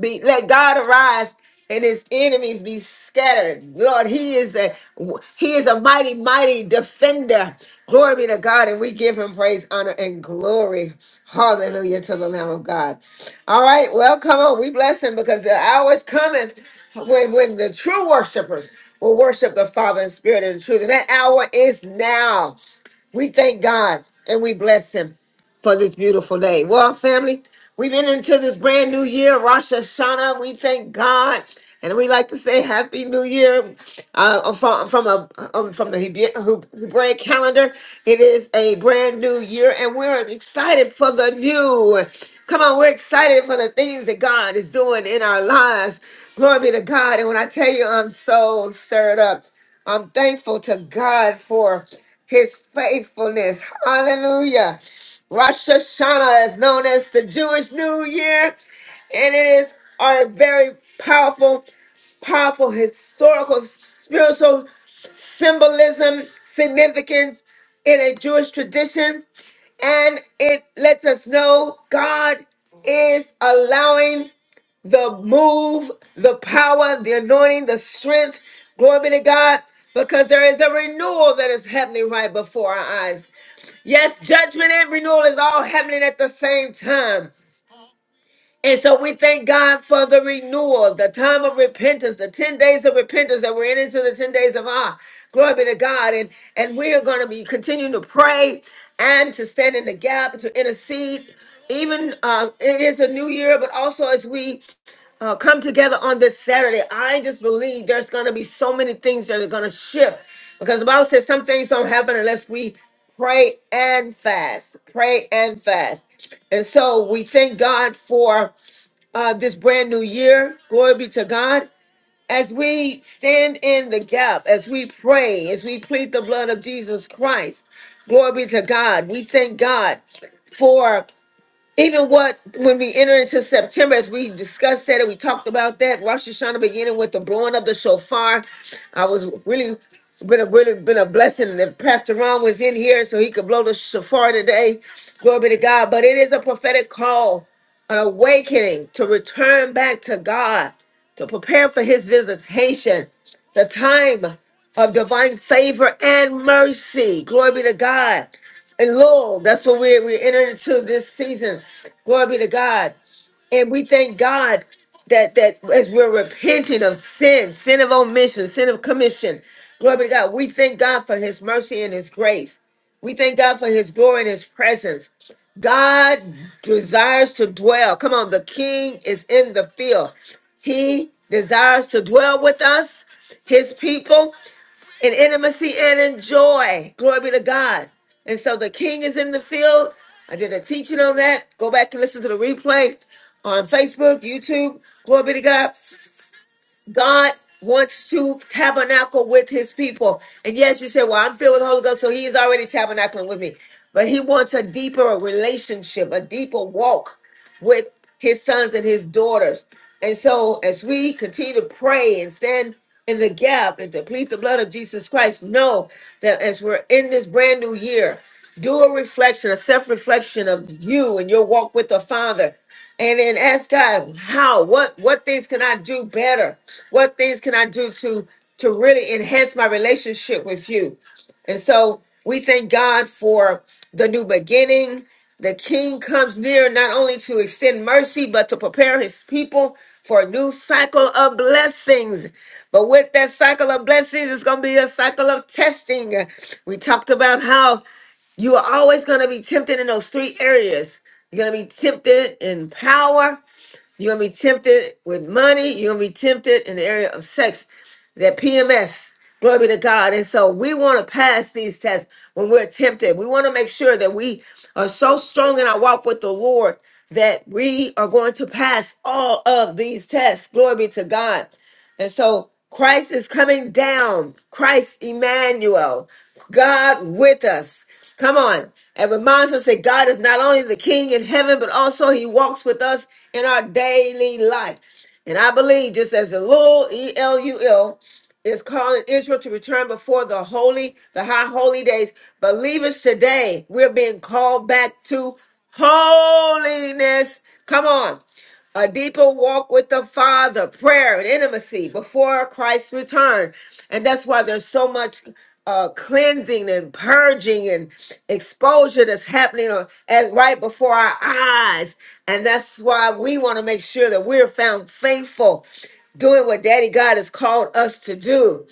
Speaker 1: be let God arise and his enemies be scattered. Lord, he is a he is a mighty, mighty defender. Glory be to God, and we give him praise, honor, and glory. Hallelujah to the Lamb of God. All right, well, come on, we bless him because the hour is coming when when the true worshipers will worship the Father in spirit and in truth. And that hour is now. We thank God and we bless him for this beautiful day. Well, family, we've been into this brand new year, Rosh Hashanah. We thank God. And we like to say Happy New Year uh, from, from, a, um, from the Hebrew Hebraic calendar. It is a brand new year, and we're excited for the new. Come on, we're excited for the things that God is doing in our lives. Glory be to God. And when I tell you, I'm so stirred up. I'm thankful to God for his faithfulness. Hallelujah. Rosh Hashanah is known as the Jewish New Year, and it is a very powerful, powerful historical, spiritual symbolism, significance in a Jewish tradition and it lets us know God is allowing the move, the power, the anointing, the strength. Glory be to God, because there is a renewal that is happening right before our eyes. Yes, judgment and renewal is all happening at the same time. And so we thank God for the renewal, the time of repentance, the 10 days of repentance that we're in into the 10 days of awe. Glory be to God. And and we are going to be continuing to pray and to stand in the gap, to intercede. Even uh, it is a new year, but also as we uh, come together on this Saturday, I just believe there's going to be so many things that are going to shift because the Bible says some things don't happen unless we pray and fast. Pray and fast. And so we thank God for uh, this brand new year. Glory be to God. As we stand in the gap, as we pray, as we plead the blood of Jesus Christ, glory be to God. We thank God for even what when we enter into September, as we discussed that and we talked about that, Rosh Hashanah beginning with the blowing of the shofar. I was really it's been a really been a blessing that Pastor Ron was in here so he could blow the shofar today. Glory be to God. But it is a prophetic call, an awakening to return back to God, to prepare for his visitation, the time of divine favor and mercy. Glory be to God. And Lord, that's what we're, we're entering into this season. Glory be to God. And we thank God that that as we're repenting of sin, sin of omission, sin of commission. Glory be to God. We thank God for his mercy and his grace. We thank God for his glory and his presence. God desires to dwell. Come on, the king is in the field. He desires to dwell with us, his people in intimacy and in joy. Glory be to God. And so the king is in the field. I did a teaching on that. Go back and listen to the replay on Facebook, YouTube. Glory be to God. God wants to tabernacle with his people. And yes, you say, Well, I'm filled with the Holy Ghost, so he is already tabernacling with me. But he wants a deeper relationship, a deeper walk with his sons and his daughters. And so, as we continue to pray and stand in the gap and to plead the blood of Jesus Christ, know that as we're in this brand new year, do a reflection, a self reflection of you and your walk with the Father and then ask God how what what things can I do better? What things can I do to to really enhance my relationship with you? And so we thank God for the new beginning. The king comes near not only to extend mercy, but to prepare his people for a new cycle of blessings. But with that cycle of blessings, it's going to be a cycle of testing. We talked about how you are always going to be tempted in those three areas you're gonna be tempted in power. You're gonna be tempted with money. You're gonna be tempted in the area of sex. That PMS. Glory be to God. And so we want to pass these tests when we're tempted. We want to make sure that we are so strong in our walk with the Lord that we are going to pass all of these tests. Glory be to God. And so Christ is coming down. Christ Emmanuel, God with us. Come on. It reminds us that God is not only the King in heaven, but also He walks with us in our daily life. And I believe, just as the Lord, E L U L, is calling Israel to return before the holy, the high holy days, believers today, we're being called back to holiness. Come on a deeper walk with the Father, prayer and intimacy before Christ's return. And that's why there's so much uh, cleansing and purging and exposure that's happening on, at, right before our eyes. And that's why we want to make sure that we're found faithful doing what Daddy God has called us to do.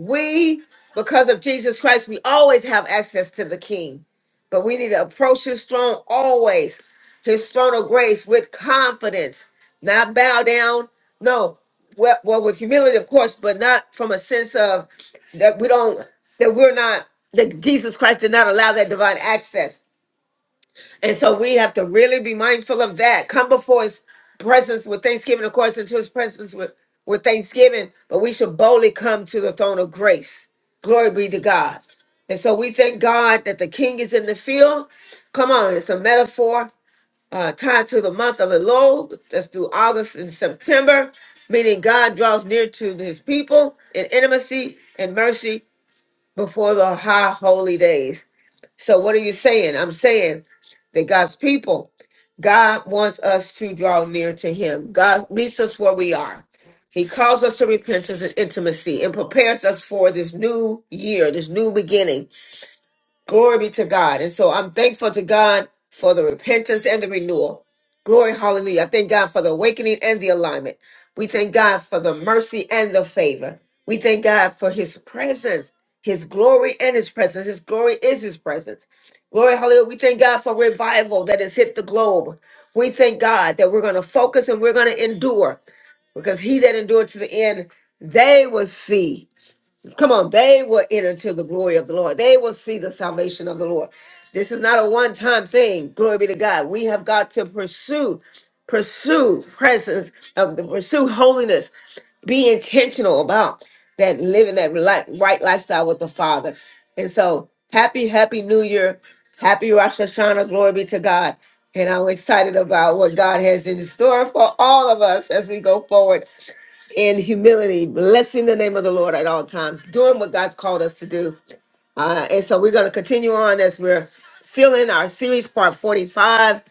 Speaker 1: We, because of Jesus Christ, we always have access to the King, but we need to approach his throne always, his throne of grace with confidence, not bow down. No, well, well with humility, of course, but not from a sense of that we don't, that we're not, that Jesus Christ did not allow that divine access. And so we have to really be mindful of that. Come before his presence with thanksgiving, of course, into his presence with, with thanksgiving, but we should boldly come to the throne of grace. Glory be to God. And so we thank God that the king is in the field. Come on, it's a metaphor uh, tied to the month of Elul. That's through August and September, meaning God draws near to his people in intimacy and mercy before the high holy days. So what are you saying? I'm saying that God's people, God wants us to draw near to him. God meets us where we are. He calls us to repentance and intimacy and prepares us for this new year, this new beginning. Glory be to God. And so I'm thankful to God for the repentance and the renewal. Glory, hallelujah. I thank God for the awakening and the alignment. We thank God for the mercy and the favor. We thank God for his presence, his glory and his presence. His glory is his presence. Glory, hallelujah. We thank God for revival that has hit the globe. We thank God that we're going to focus and we're going to endure because he that endured to the end, they will see Come on, they will enter into the glory of the Lord. They will see the salvation of the Lord. This is not a one time thing. Glory be to God. We have got to pursue, pursue presence of the pursue holiness. Be intentional about that living that li- right lifestyle with the Father. And so, happy, happy New Year. Happy Rosh Hashanah. Glory be to God. And I'm excited about what God has in store for all of us as we go forward in humility, blessing the name of the Lord at all times, doing what God's called us to do. Uh, and so we're going to continue on as we're still in our series, part 45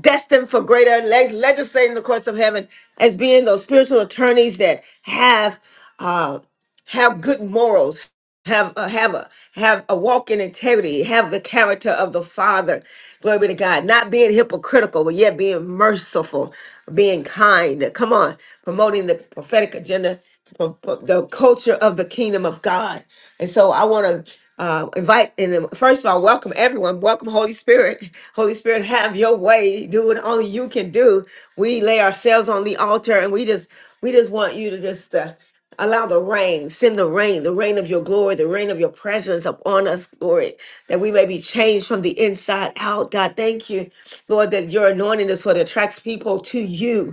Speaker 1: destined for greater leg- legislating the courts of heaven as being those spiritual attorneys that have uh have good morals have a have a have a walk in integrity have the character of the father glory be to god not being hypocritical but yet being merciful being kind come on promoting the prophetic agenda pro- pro- the culture of the kingdom of god and so I want to uh, invite and uh, first of all, welcome everyone. Welcome, Holy Spirit. Holy Spirit, have your way. Do what only you can do. We lay ourselves on the altar, and we just we just want you to just. Uh, Allow the rain, send the rain, the rain of your glory, the rain of your presence upon us, Lord, that we may be changed from the inside out. God, thank you, Lord, that your anointing is what attracts people to you.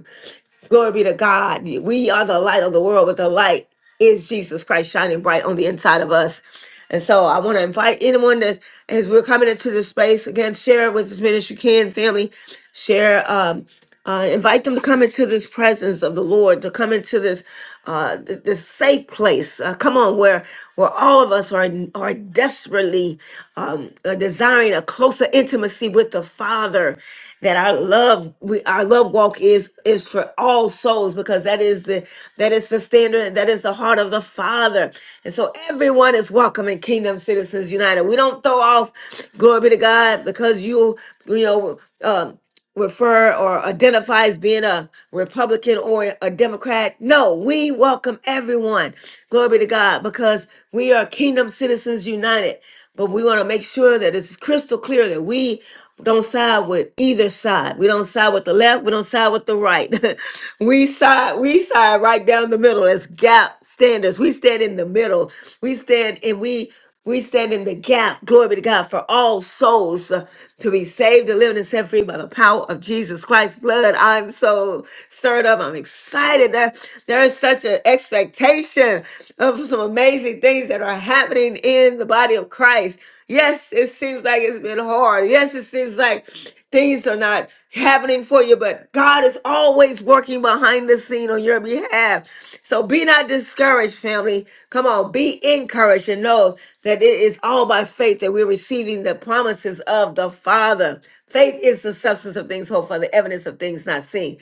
Speaker 1: Glory be to God. We are the light of the world, but the light is Jesus Christ shining bright on the inside of us. And so I want to invite anyone that, as we're coming into this space, again, share with as many as you can, family. Share. Um, uh, invite them to come into this presence of the Lord, to come into this uh, th- this safe place. Uh, come on, where where all of us are are desperately um, uh, desiring a closer intimacy with the Father. That our love, we, our love walk is is for all souls because that is the that is the standard. That is the heart of the Father. And so everyone is welcome in Kingdom Citizens United. We don't throw off glory be to God because you you know. Um, refer or identify as being a Republican or a Democrat. No, we welcome everyone. Glory be to God because we are Kingdom Citizens United. But we want to make sure that it's crystal clear that we don't side with either side. We don't side with the left. We don't side with the right. we side, we side right down the middle as gap standards. We stand in the middle. We stand and we we stand in the gap, glory be to God, for all souls uh, to be saved, delivered, and set free by the power of Jesus Christ's blood. I'm so stirred up. I'm excited. There, there is such an expectation of some amazing things that are happening in the body of Christ. Yes, it seems like it's been hard. Yes, it seems like Things are not happening for you, but God is always working behind the scene on your behalf. So be not discouraged, family. Come on, be encouraged and know that it is all by faith that we're receiving the promises of the Father. Faith is the substance of things hoped for, the evidence of things not seen.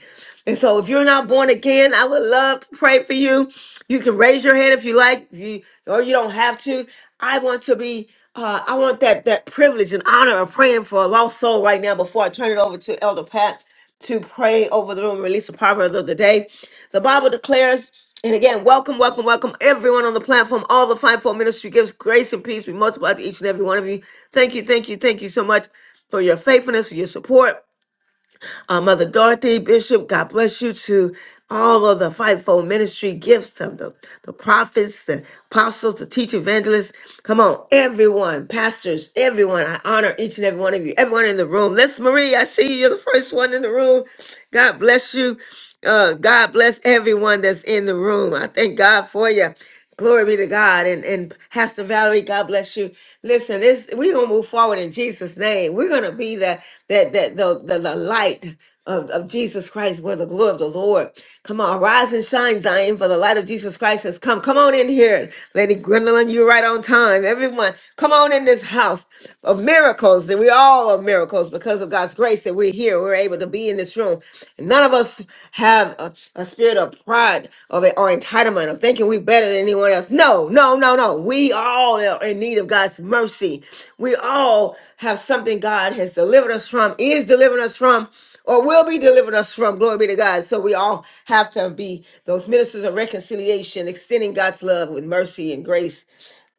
Speaker 1: And so if you're not born again, I would love to pray for you. You can raise your hand if you like, if you, or you don't have to. I want to be. Uh, I want that that privilege and honor of praying for a lost soul right now before I turn it over to Elder Pat to pray over the room and release the proverb of the day. The Bible declares, and again, welcome, welcome, welcome everyone on the platform, all the fivefold ministry gives grace and peace be multiplied to each and every one of you. Thank you, thank you, thank you so much for your faithfulness, for your support uh, Mother Dorothy, Bishop, God bless you to all of the fivefold ministry gifts of the, the prophets, the apostles, the teacher evangelists. Come on, everyone, pastors, everyone. I honor each and every one of you, everyone in the room. Let's, Marie, I see you. You're the first one in the room. God bless you. Uh, God bless everyone that's in the room. I thank God for you. Glory be to God. And and Pastor Valerie, God bless you. Listen, this we're gonna move forward in Jesus' name. We're gonna be the that that the, the the light of, of Jesus Christ where the glory of the Lord. Come on, rise and shine, Zion, for the light of Jesus Christ has come. Come on in here. Lady Gwendolyn, you're right on on time. Everyone, come on in this house of miracles. And we all are miracles because of God's grace that we're here. We're able to be in this room. And none of us have a, a spirit of pride of it, or entitlement of thinking we're better than anyone else. No, no, no, no. We all are in need of God's mercy. We all have something God has delivered us from, is delivering us from, or will be delivered us from. Glory be to God. So we all have to be those ministers of reconciliation, extending God's love with mercy and grace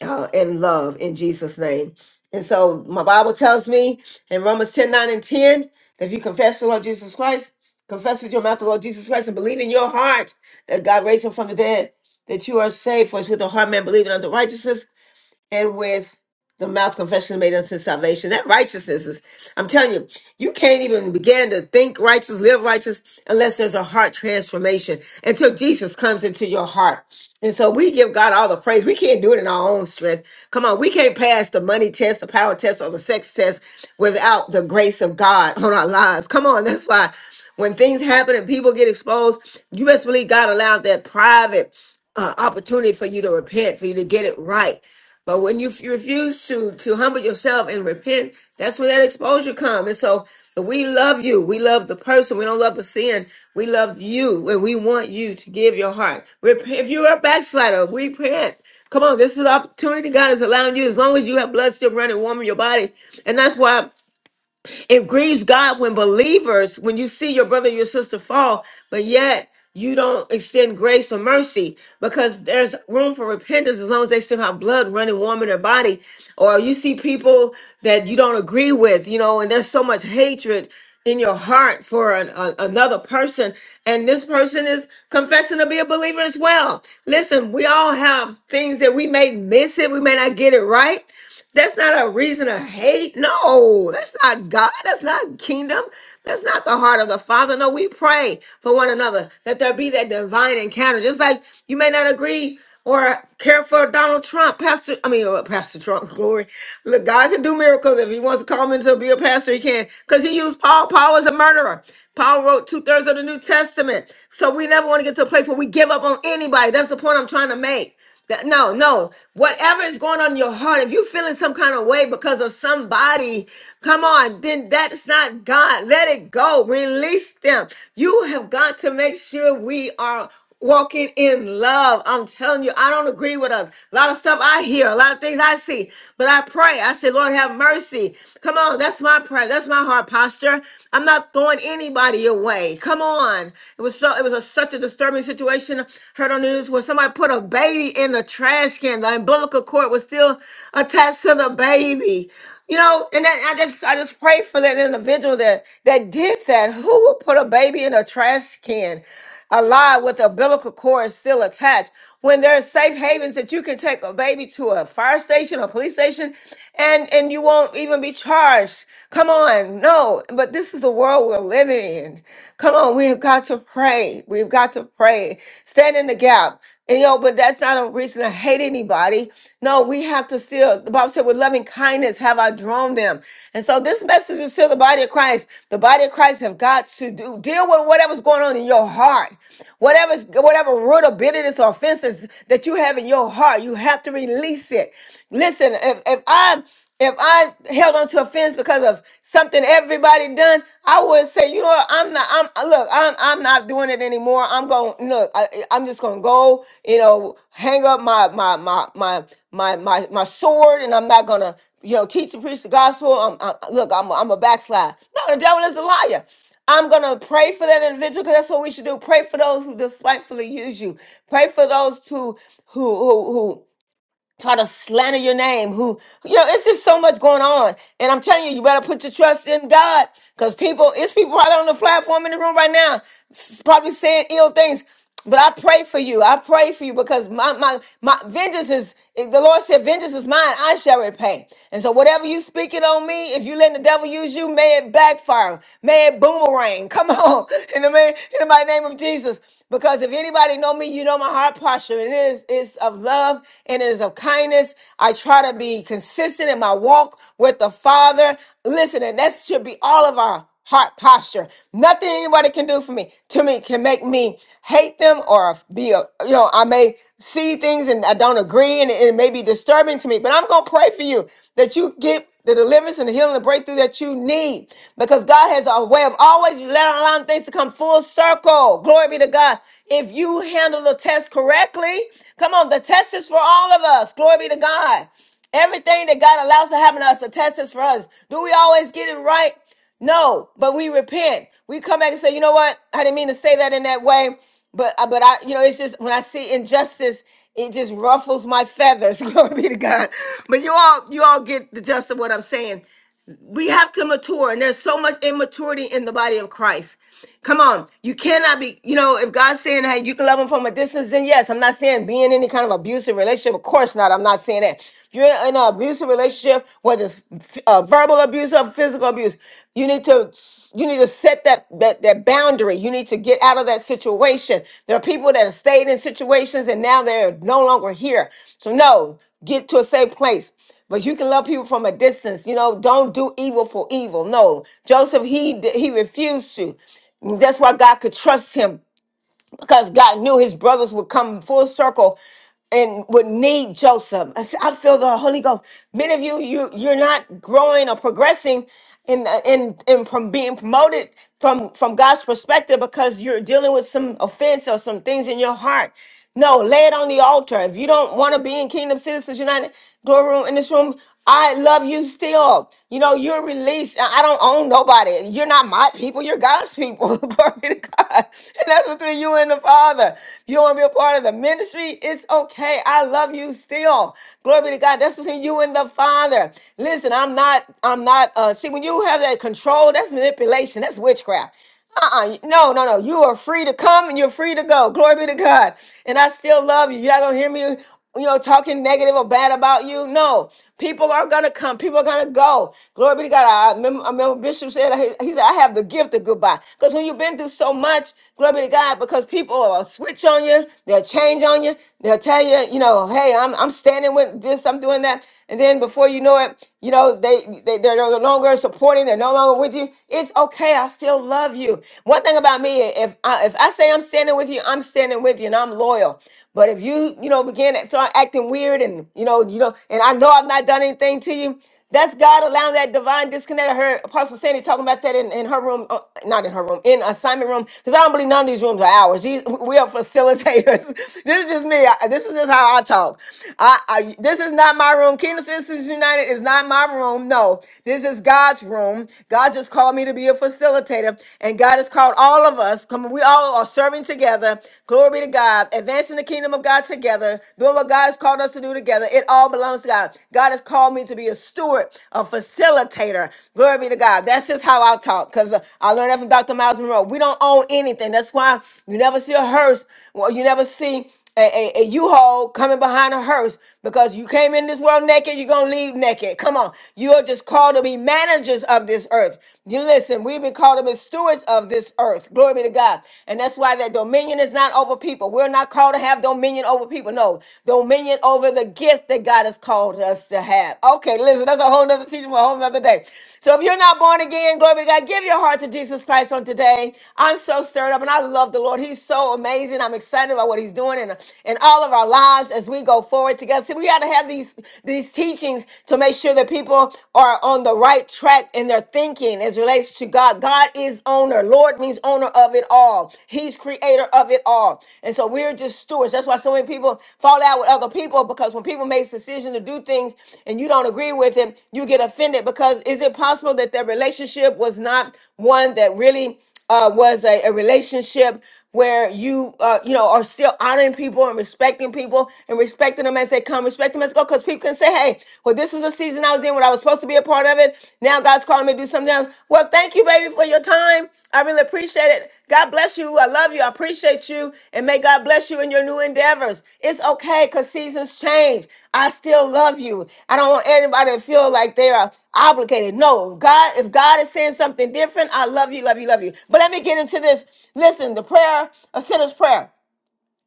Speaker 1: uh, in love in Jesus' name. And so my Bible tells me in Romans 10 9 and 10, that if you confess the Lord Jesus Christ, confess with your mouth the Lord Jesus Christ and believe in your heart that God raised him from the dead, that you are saved. For it's with the heart man believing unto righteousness and with the mouth confession is made unto salvation. That righteousness is, I'm telling you, you can't even begin to think righteous, live righteous, unless there's a heart transformation until Jesus comes into your heart. And so we give God all the praise. We can't do it in our own strength. Come on, we can't pass the money test, the power test, or the sex test without the grace of God on our lives. Come on, that's why when things happen and people get exposed, you best believe God allowed that private uh, opportunity for you to repent, for you to get it right. But when you, f- refuse to to humble yourself and repent, that's where that exposure comes. And so we love you. We love the person. We don't love the sin. We love you, and we want you to give your heart. Rep- If you're a backslider, repent. Come on, this is an opportunity God is allowing you. As long as you have blood still running warm in your body, and that's why. It grieves God when believers, when you see your brother, your sister fall, but yet you don't extend grace or mercy because there's room for repentance as long as they still have blood running warm in their body. Or you see people that you don't agree with, you know, and there's so much hatred in your heart for an, a, another person and this person is confessing to be a believer as well listen we all have things that we may miss it we may not get it right that's not a reason to hate. No, that's not God. That's not kingdom. That's not the heart of the Father. No, we pray for one another that there be that divine encounter. Just like you may not agree or care for Donald Trump, Pastor. I mean, uh, Pastor Trump, glory. Look, God can do miracles if He wants to call me to be a pastor. He can, because He used Paul. Paul was a murderer. Paul wrote two thirds of the New Testament. So we never want to get to a place where we give up on anybody. That's the point I'm trying to make. That- No, no. Whatever is going on in your heart, if you're feeling some kind of way because of somebody, come on, then that's not God. Let it go. Release them. You have got to make sure we are walking in love. I'm telling you, I don't agree with a lot of stuff I hear, a lot of things I see, but I pray. I say, Lord, have mercy. Come on, that's my prayer. That's my heart posture. I'm not throwing anybody away. Come on. It was so. It was a such a disturbing situation. Heard on the news where somebody put a baby in the trash can. The umbilical cord was still attached to the baby. You know, and that, I just I just pray for that individual that that did that. Who would put a baby in a trash can? alive with umbilical cord still attached. When there are safe havens that you can take a baby to a fire station, a police station, and and you won't even be charged. Come on, no. But this is the the world we're living in. Come on, we've got to pray. We've got to pray. Stand in the gap. And you know, but that's not a reason to hate anybody. No, we have to still, the Bible said, with loving kindness have I drawn them. And so this message is to the body of Christ. The body of Christ have got to do deal with whatever's going on in your heart. Whatever's whatever root of bitterness or offenses that you have in your heart, you have to release it. Listen, if, if I'm if I held on to a fence because of something everybody done, I would say, you know what, I'm not, I'm uh, look, I'm I'm not doing it anymore. I'm going look, I, I- I'm just gonna go, you know, hang up my my my my my my, my sword, and I'm not gonna, you know, teach and preach the gospel. I'm, I, look, I'm a, I'm a backslide. No, the devil is a liar. I'm gonna pray for that individual because that's what we should do. Pray for those who despitefully use you. Pray for those who who who try to slander your name who you know it's just so much going on and i'm telling you you better put your trust in god because people it's people probably on the platform in the room right now s- probably saying ill things but i pray for you i pray for you because my my my vengeance is eh, the lord said vengeance is mine i shall repay and so whatever you speaking on me if you let the devil use you may it backfire may it boomerang come on in the, ma- in the mighty name of jesus because if anybody anybody know me, you know my heart posture. And it is it's of love and it is of kindness. I try to be consistent in my walk with the Father. Listen, and that should be all of our heart posture. Nothing anybody can do for me to me can make me hate them or be a you know, I may see things and I don't agree and it, it may be disturbing to me, but I'm gonna pray for you that you get the deliverance and the healing and breakthrough that you need because God has a way of always letting allowing things to come full circle. Glory be to God. If you handle the test correctly, come on, the test is for all of us. Glory be to God. Everything that God allows to happen to us, the test is for us. Do we always get it right? No, but we repent. We come back and say, you know what? I didn't mean to say that in that way, but uh, but I, you know, it's just when I see injustice, it just ruffles my feathers. Glory be to God. But you all, you all get the gist of what I'm saying. We have to mature, and there's so much immaturity in the body of Christ. Come on, you cannot be, you know, if God's saying, hey, you can love him from a distance, then yes, I'm not saying be in any kind of abusive relationship. Of course not. I'm not saying that. If you're in an abusive relationship, whether it's uh, verbal abuse or physical abuse, you need to you need to set that, that that boundary. You need to get out of that situation. There are people that have stayed in situations and now they're no longer here. So no, get to a safe place. But you can love people from a distance. You know, don't do evil for evil. No, Joseph, he d- he refused to. That's why God could trust him because God knew his brothers would come full circle and would need Joseph. I s- I feel the Holy Ghost. Many of you, you you're not growing or progressing in in in from being promoted from from God's perspective because you're dealing with some offense or some things in your heart. No, lay it on the altar. If you don't want to be in Kingdom Citizens United door room in this room, I love you still. You know, you're released. I I don't own nobody. You're not my people. You're God's people. Glory to God. And that's between you and the Father. If you don't want to be a part of the ministry, it's okay. I love you still. Glory be to God. That's between you and the Father. Listen, I'm not, I'm not, uh, see, when you have that control, that's manipulation. That's witchcraft. Uh-uh. No, no, no. You are free to come and you're free to go. Glory be to God. And I still love you. You're not gonna hear me, you know, talking negative or bad about you. No. People are gonna come. People are gonna go. Glory be to God. I remember, I remember Bishop said he, he said, I have the gift of goodbye. Because when you've been through so much, glory be to God, because people will switch on you, they'll change on you, they'll tell you, you know, hey, I'm I'm standing with this, I'm doing that. And then before you know it, you know, they, they they're no longer supporting, they're no longer with you with you. It's okay. I still love you. One thing about me, if I, if I say I'm standing with you, I'm standing with you, and I'm loyal. But if you, you know, begin to start acting weird, and you know, you know, and I know I've not done anything to you, that's God allowing that divine disconnect. I heard Apostle Sandy talking about that in, in her room, uh, not in her room, in assignment room, because I don't believe none of these rooms are ours. These, we are facilitators. this is just me. I- this is just how I talk. I, I- this is not my room. Kingdom Citizens United is not my room. No, this is God's room. God just called me to be a facilitator, and God has called all of us. Come on, we all are serving together. Glory be to God, advancing the kingdom of God together, doing what God has called us to do together. It all belongs to God. God has called me to be a steward, a facilitator. Glory be to God. That's just how I talk, because I learned that from Dr. Miles Monroe. We don't own anything. That's why you never see a hearse. Well, you never see a, a, a U-Haul coming behind a hearse because you came in this world naked, you're gonna leave naked. Come on. You are just called to be managers of this earth. You listen, we've been called to be stewards of this earth. Glory be to God. And that's why that dominion is not over people. We're not called to have dominion over people. No, dominion over the gift that God has called us to have. Okay, listen, that's a whole nother teaching for a whole nother day. So if you're not born again, glory be to God, give your heart to Jesus Christ on today. I'm so stirred up and I love the Lord. He's so amazing. I'm excited about what he's doing he's doing in, in all of our lives as we go forward together. See, we got to have these, these teachings to make sure that people are on the right track in their thinking as relates to God. God is owner. Lord means owner of it all. He's creator of it all. And so we're just stewards. That's why so many people fall out with other people because when people make decisions to do things and you don't agree with it, you get offended because is it possible that their relationship was not one that really uh, was a, a relationship where you uh, you know are still honoring people and respecting people and respecting them as they come, respect them as they go, because people can say, "Hey, well, this is the season I was in when I was supposed to be a part of it. Now God's calling me to do something else." Well, thank you, baby, for your time. I really appreciate it. God bless you, you. I love you. I appreciate you. And may God bless you in your new endeavors. It's okay because seasons change. I still love you. I don't want anybody to feel like they are obligated. No, God, if God is saying something different, I love you, love you, love you. But let me get into this. Listen, the prayer, a sinner's prayer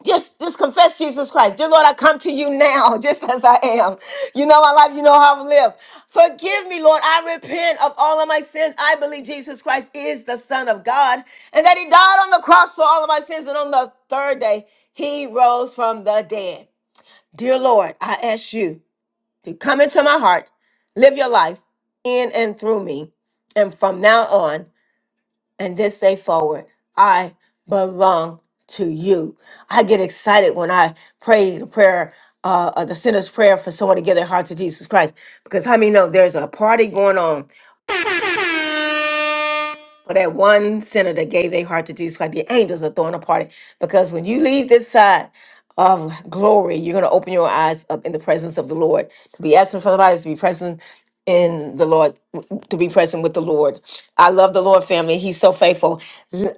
Speaker 1: just just confess Jesus Christ. Dear Lord, I come to you now, just as I am. You know my life, you know how I've lived. Forgive me, Lord. I repent of all of my sins. I believe Jesus Christ is the Son of God and that He died on the cross for all of my sins. And on the third day, He rose from the dead. Dear Lord, I ask you to come into my heart, live your life in and through me. And from now on, and this day forward, I belong to you. I get excited when I pray the prayer, uh, uh, the sinner's prayer for someone to give their heart to Jesus Christ. Because how many know there's a party going on for that one sinner that gave their heart to Jesus Christ? The angels are throwing a party because when you leave this side, of glory, you're going to open your eyes up in the presence of the Lord. To be absent from the body is to be present in the Lord, to be present with the Lord. I love the Lord family. He's so faithful.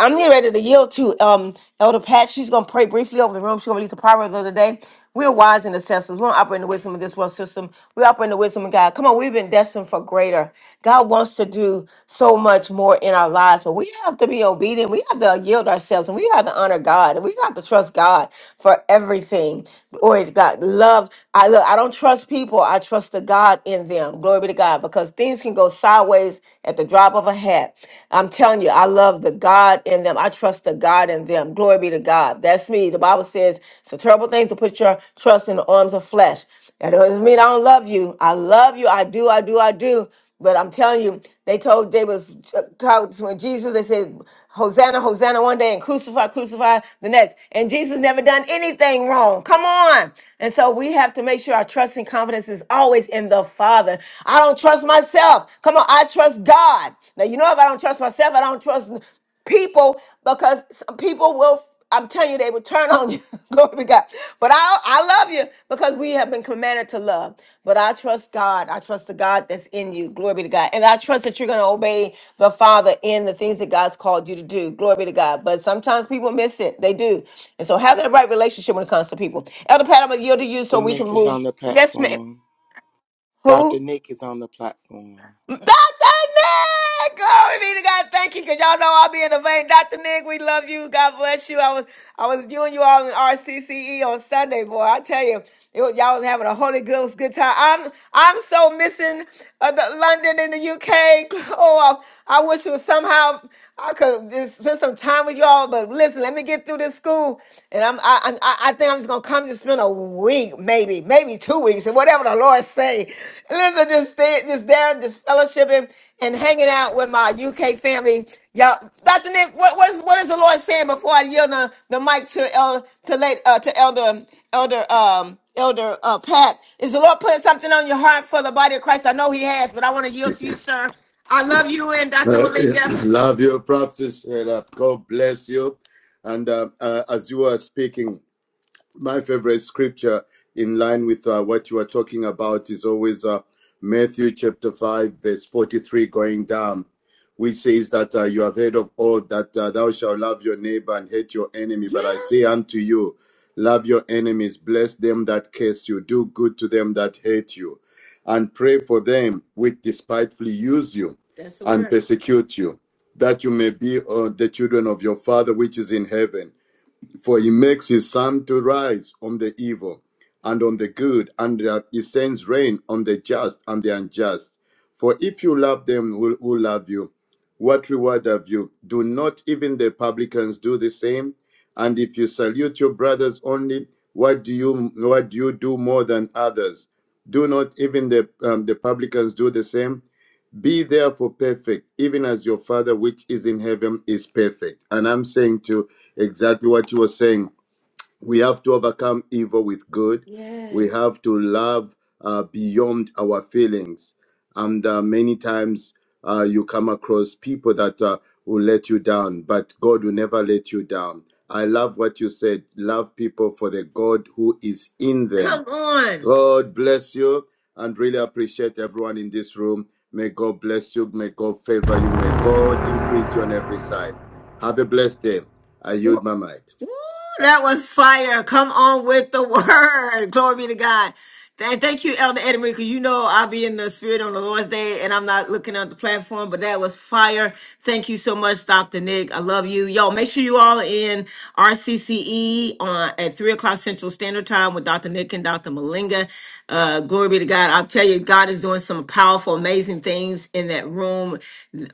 Speaker 1: I'm getting ready to yield to um Elder Pat. She's gonna pray briefly over the room. She's gonna release the proverb of the day. We're wise and assessors. We don't operate in the wisdom of this world system. We operate in the wisdom of God. Come on, we've been destined for greater. God wants to do so much more in our lives, but we have to be obedient. We have to yield ourselves and we have to honor God and we have to trust God for everything. Glory to God. Love. I look, I don't trust people. I trust the God in in them. Glory be to God, because things can go sideways at the drop of a hat. I'm telling you, I love the God in them. I trust the God in them. Glory be to God. That's me. The Bible says it's a terrible thing to put your trust in the arms of flesh. That doesn't mean I don't love you. I love you. I do. I do. I do. But I'm telling you, they told they was uh, talking to Jesus. They said, "Hosanna, Hosanna!" One day, and crucify, crucify the next. And Jesus never done anything wrong. Come on. And so we have to make sure our trust and confidence is always in the Father. I don't trust myself. Come on, I trust God. Now you know if I don't trust myself, I don't trust people because some people will I'm telling you, they will turn on you. Glory to God. But I, I love you because we have been commanded to love. But I trust God. I trust the God that's in you. Glory be to God. And I trust that you're going to obey the Father in the things that God's called you to do. Glory be to God. But sometimes people miss it. They do. And so have that right relationship when it comes to people. Elder Pat, I'm going to yield to you so
Speaker 7: Dr.
Speaker 1: we can
Speaker 7: Nick is
Speaker 1: move.
Speaker 7: on the
Speaker 1: Yes, ma'am.
Speaker 7: platform. Dr.
Speaker 1: Who?
Speaker 7: Nick is on the platform.
Speaker 1: Dr. Nick! Glory be to God. Thank you, because y'all know I'll be in the vein. Dr. Nick, we love you. God bless you. I was I was viewing you all in RCCE on Sunday, boy. I tell you, it was, y'all was having a Holy Ghost good time. I'm I'm so missing uh, the London and the UK. Oh, I, I wish it was somehow I could just spend some time with y'all. But listen, let me get through this school, and I'm I I, I I think I'm just gonna Come to spend a week, maybe, maybe two weeks, and whatever the Lord say. Listen, just stay, just there, just fellowshipping and hanging out with my UK family. Y'all, Dr. Nick, what what is, what is the Lord saying before I yield the, the mic to El, to late uh, to Elder Elder um Elder uh, Pat? Is the Lord putting something on your heart for the body of Christ? I know He has, but I want to yield to you, sir. I love you and Dr.
Speaker 15: Uh,
Speaker 1: Malinga.
Speaker 15: love your practice, Straight up. God bless you. And uh, uh, as you are speaking, my favorite scripture in line with uh, what you are talking about is always uh, Matthew chapter 5, verse 43 going down, which says that uh, you have heard of old that uh, thou shalt love your neighbor and hate your enemy.
Speaker 1: Yeah,
Speaker 15: But I say unto you, love your enemies, bless them that curse you, do good to them that hate you, and pray for them which despitefully use you
Speaker 1: that's the
Speaker 15: and
Speaker 1: word.
Speaker 15: persecute you, that you may be uh, the children of your Father which is in heaven. For he makes his sun to rise on the evil and on the good, and that he sends rain on the just and the unjust. For if you love them who, who love you, what reward have you? Do not even the publicans do the same? And if you salute your brothers only, what do you what do you do more than others? Do not even the um, the publicans do the same? Be therefore perfect, even as your Father which is in heaven is perfect. And I'm saying to exactly what you were saying. We have to overcome evil with good. We
Speaker 1: Yes.
Speaker 15: have to love uh, beyond our feelings. And uh, many times uh, you come across people that uh, will let you down, but God will never let you down. I love what you said. Love people for the God who is in them
Speaker 1: Come on.
Speaker 15: God bless you and really appreciate everyone in this room. May God bless you. May God favor you. May God increase you on every side. Have a blessed day. I yield my mic.
Speaker 1: Woo, that was fire. Come on with the word. Glory be to God. And thank you, Elder Eddie Marie, because you know I'll be in the spirit on the Lord's day and I'm not looking at the platform, but that was fire. Thank you so much, Dr. Nick. I love you. Y'all, make sure you all are in RCCE on, at 3 o'clock Central Standard Time with Dr. Nick and Dr. Malinga. Uh, glory be to God. I'll tell you, God is doing some powerful, amazing things in that room.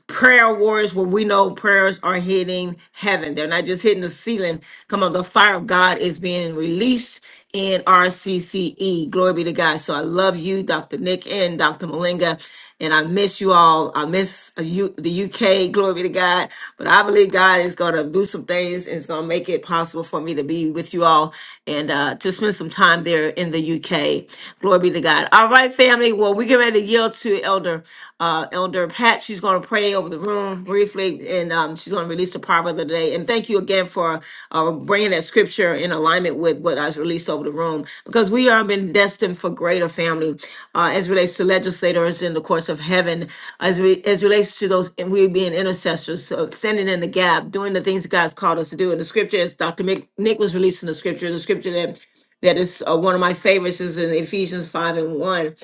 Speaker 1: Prayer prayer warriors where we know prayers are hitting heaven. They're not just hitting the ceiling. Come on, the fire of God is being released in RCCE. Glory be to God. So I love you, Dr. Nick and Dr. Malinga. And I miss you all. I miss you, the UK. Glory be to God. But I believe God is going to do some things and is going to make it possible for me to be with you all and uh, to spend some time there in the UK. Glory be to God. All right, family family. Well, we get ready to yield to Elder uh, Elder Pat. She's going to pray over the room briefly, and um, she's going to release the proverb of the day. And thank you again for uh, bringing that scripture in alignment with what I released over the room, because we are been destined for greater family uh, as relates to legislators in the courts of heaven, as we as relates to those and we being intercessors, so standing in the gap, doing the things that God's called us to do. And the scripture, as Dr. Mick, Nick was releasing the scripture, the scripture that that is uh, one of my favorites is in Ephesians 5 and 1.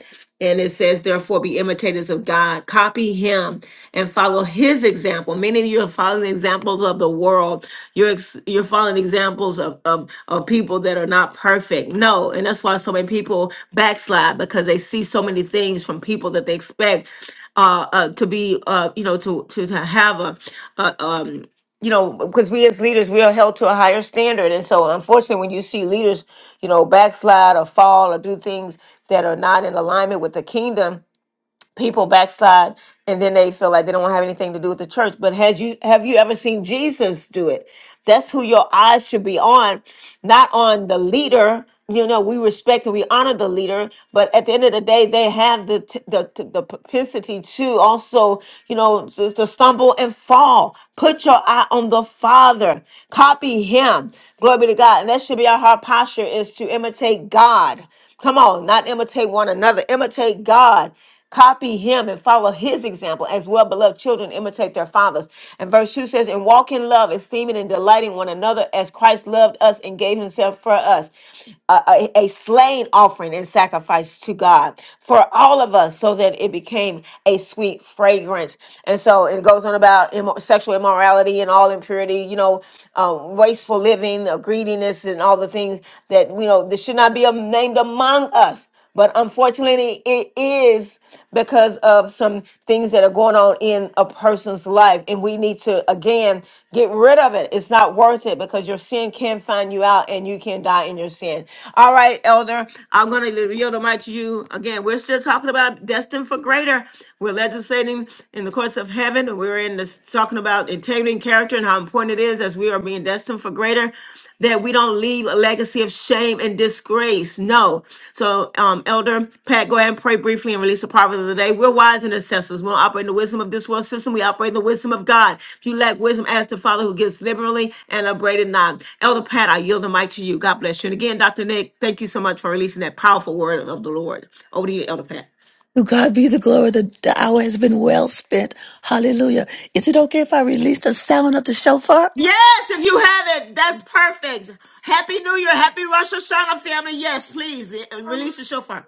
Speaker 1: And it says, therefore, be imitators of God, copy him and follow his example. Many of you are following examples of the world. You're, ex- you're following examples of, of, of people that are not perfect. No. And that's why so many people backslide because they see so many things from people that they expect uh, uh, to be, uh, you know, to, to, to have a, a, um, you know, because we as leaders, we are held to a higher standard. And so, unfortunately, when you see leaders, you know, backslide or fall or do things that are not in alignment with the kingdom, people backslide and then they feel like they don't have anything to do with the church but has you have you ever seen jesus do it that's who your eyes should be on not on the leader you know we respect and we honor the leader but at the end of the day they have the t- the, t- the propensity to also you know to, to stumble and fall put your eye on the father copy him glory be to god and that should be our heart posture is to imitate god come on not imitate one another imitate god Copy him and follow his example as well, beloved children, imitate their fathers. And verse 2 says, And walk in love, esteeming and delighting one another as Christ loved us and gave himself for us, a, a, a slain offering and sacrifice to God for all of us, so that it became a sweet fragrance. And so it goes on about immo- sexual immorality and all impurity, you know, um, wasteful living, uh, greediness, and all the things that, you know, this should not be um, named among us but unfortunately, it is because of some things that are going on in a person's life. And we need to, again, get rid of it. It's not worth it because your sin can find you out and you can die in your sin. All right, Elder, I'm going to yield the mic to you. Again, we're still talking about destined for greater. We're legislating in the courts of heaven. We're in this talking about integrity and character and how important important it is as we are being destined for greater that we don't leave a legacy of shame and disgrace. No. So, um, Elder Pat, go ahead and pray briefly and release the proverb of the day. We're wise and assessors. We don't operate in the wisdom of this world system. We operate in the wisdom of God. If you lack wisdom, ask the Father who gives liberally and upbraided not. Elder Pat, I yield the mic to you. God bless you. And again, Dr. Nick, thank you so much for releasing that powerful word of the Lord. Over to you, Elder Pat.
Speaker 16: To God be the glory. The, the hour has been well spent. Hallelujah. Is it okay if I release the sound of the shofar?
Speaker 1: Yes, if you have it, that's perfect. Happy New Year. Happy Rosh Hashanah, family. Yes, please eh, eh, release the shofar.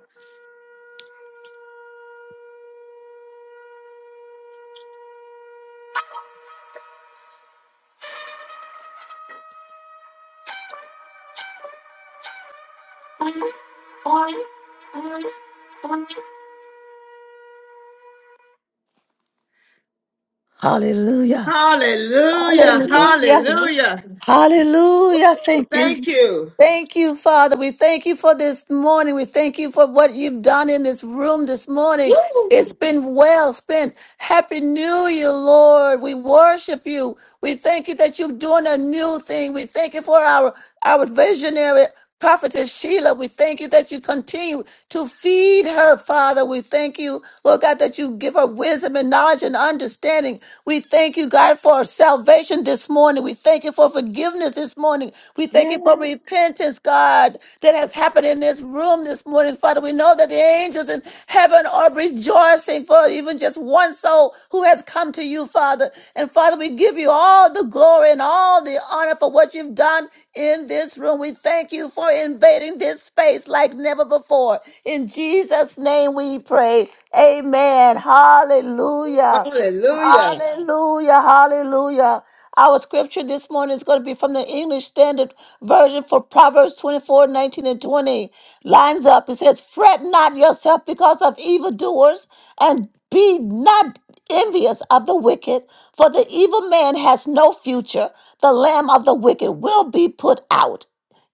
Speaker 16: Hallelujah.
Speaker 1: Hallelujah. Hallelujah.
Speaker 16: Hallelujah. Thank you.
Speaker 1: Thank you.
Speaker 16: Thank you, Father. We thank you for this morning. We thank you for what you've done in this room this morning. It's been well spent. Happy New Year, Lord. We worship you. We thank you that you're doing a new thing. We thank you for our, our visionary. Prophetess Sheila, we thank you that you continue to feed her, Father. We thank you, Lord God, that you give her wisdom and knowledge and understanding. We thank you, God, for salvation this morning. We thank you for forgiveness this morning. We thank you for repentance, God, that has happened in this room this morning, Father. We know that the angels angels in heaven are rejoicing for even just one soul who has come to you, Father. And Father, we give you all the glory and all the honor for what you've done in this room. We thank you for invading this space like never before. In Jesus' name we pray. Amen. Hallelujah.
Speaker 1: Hallelujah.
Speaker 16: Hallelujah, hallelujah. Our scripture this morning is going to be from the English Standard Version for Proverbs 24, 19, and 20. Lines up. It says, Fret not yourself because of evildoers, and be not envious of the wicked, for the evil man has no future. The lamb of the wicked will be put out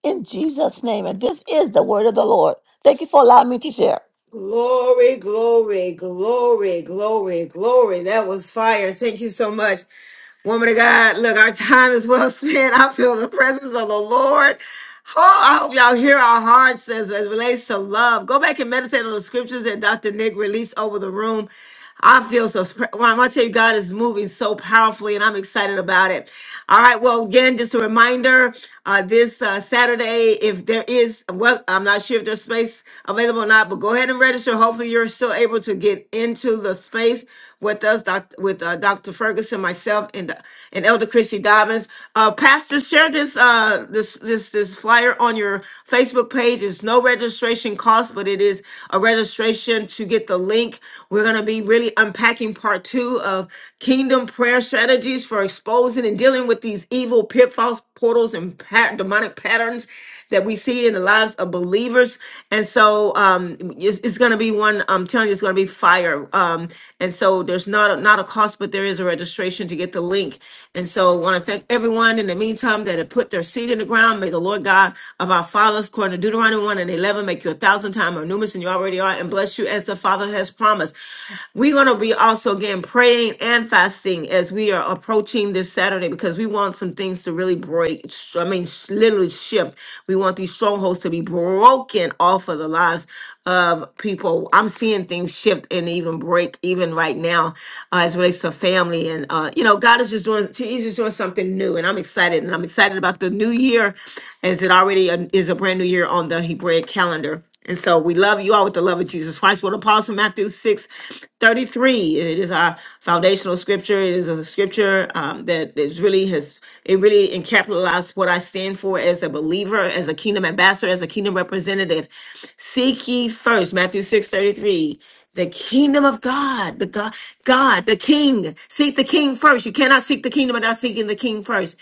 Speaker 16: in Jesus' name. And this is the word of the Lord. Thank you for allowing me to share.
Speaker 1: Glory, glory, glory, glory, glory. That was fire. Thank you so much. Woman of God, look, our time is well spent. I feel the presence of the Lord. Oh, I hope y'all hear our hearts as it relates to love. Go back and meditate on the scriptures that Dr. Nick released over the room. I feel so. sp- Well, I'm gonna tell you, God is moving so powerfully, and I'm excited about it. All right. Well, again, just a reminder: uh, this uh, Saturday, if there is, well, I'm not sure if there's space available or not, but go ahead and register hopefully you're still able to get into the space with us, doc, with uh, Dr. Ferguson, myself, and and Elder Christy Dobbins. Uh, Pastor, share this uh, this this this flyer on your Facebook page. It's no registration cost, but it is a registration to get the link. We're gonna be really unpacking part two of Kingdom Prayer Strategies for exposing and dealing with these evil pitfalls, portals, and patterns back demonic patterns that we see in the lives of believers. And so um, it's, it's going to be one. I'm telling you, it's going to be fire. Um, and so there's not a, not a cost, but there is a registration to get the link. And so I want to thank everyone in the meantime that have put their seed in the ground. May the Lord God of our fathers, according to Deuteronomy 1 and 11, make you a thousand times more numerous than you already are and bless you as the Father has promised. We're going to be also again praying praying and fasting as we are approaching this Saturday because we want some things to really break. sh- I mean, sh- literally shift. We want these strongholds to be broken off of the lives of people. I'm seeing things shift and even break even right now uh, as it relates to family. And, uh, you know, God is just doing, He's just doing something new. And I'm excited. And I'm excited about the new year as it already uh, is a brand new year on the Hebraic calendar. And so we love you all with the love of Jesus Christ. We'll pause from Matthew 6, 33. It is our foundational scripture. It is a scripture um, that is really has, it really encapsulates what I stand for as a believer, as a kingdom ambassador, as a kingdom representative. Seek ye first, Matthew 6 33. the kingdom of God, the God, God, the King. Seek the King first. You cannot seek the kingdom without seeking the King first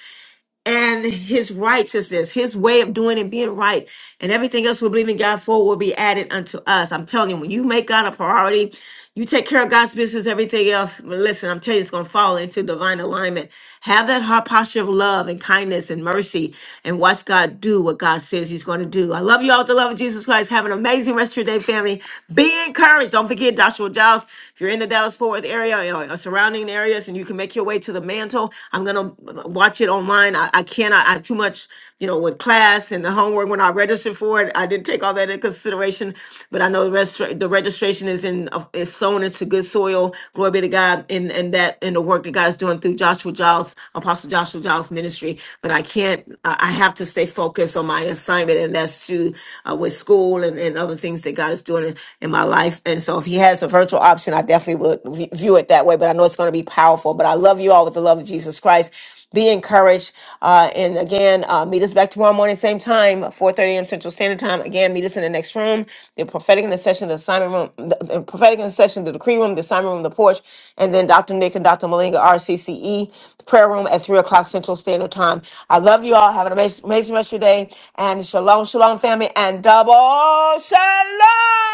Speaker 1: and his righteousness, his way of doing and being right, and everything else we believe in God for will be added unto us. I'm telling you, when you make God a priority, you take care of God's business, everything else. Listen, I'm telling you, it's going to fall into divine alignment. Have that heart posture of love and kindness and mercy and watch God do what God says He's going to do. I love you all with the love of Jesus Christ. Have an amazing rest of your day, family. Be encouraged. Don't forget Joshua Giles. If you're in the in the Dallas Fort Worth area or, or surrounding areas and you can make your way to the mantle, I'm gonna uh, watch it online. I, I cannot. I too much, you know, with class and the homework when I registered for it. I didn't take all that into consideration, but I know the registra- the registration is in uh, is sown into good soil. Glory be to God in and that in the work that God is doing through Joshua Giles, Apostle Joshua Giles ministry. But I can't. I I have to stay focused on my assignment, and that's has to uh, with school and, and other things that God is doing in, in my life. And so if he has a virtual option, I definitely would v- view it that way. But I know it's going to be powerful. But I love you all with the love of Jesus Christ. Be encouraged. Uh, and again, uh, meet us back tomorrow morning, same time, 4.30 a.m. Central Standard Time. Again, meet us in the next room, the prophetic intercession, the assignment room, the, the prophetic intercession, the decree room, the assignment room, the porch, and then Dr. Nick and Dr. Malinga, RCCE, the prayer room at 3 o'clock Central Standard Time. I love you all. Have an amazing, amazing rest of your day. And shalom, shalom, family, and double shalom.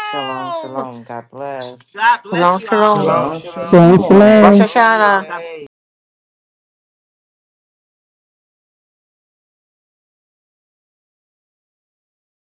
Speaker 10: Shalom, shalom. God bless.
Speaker 1: God bless
Speaker 2: Shalom,
Speaker 1: you all.
Speaker 2: shalom.
Speaker 17: Shalom.
Speaker 7: Shalom,
Speaker 18: Shalom,
Speaker 7: shalom.
Speaker 12: Shalom,
Speaker 18: shalom.
Speaker 7: Fire
Speaker 1: Man,
Speaker 12: shalom.
Speaker 2: Rosh
Speaker 7: room
Speaker 1: love you
Speaker 2: Hashanah.
Speaker 1: all. God
Speaker 7: today.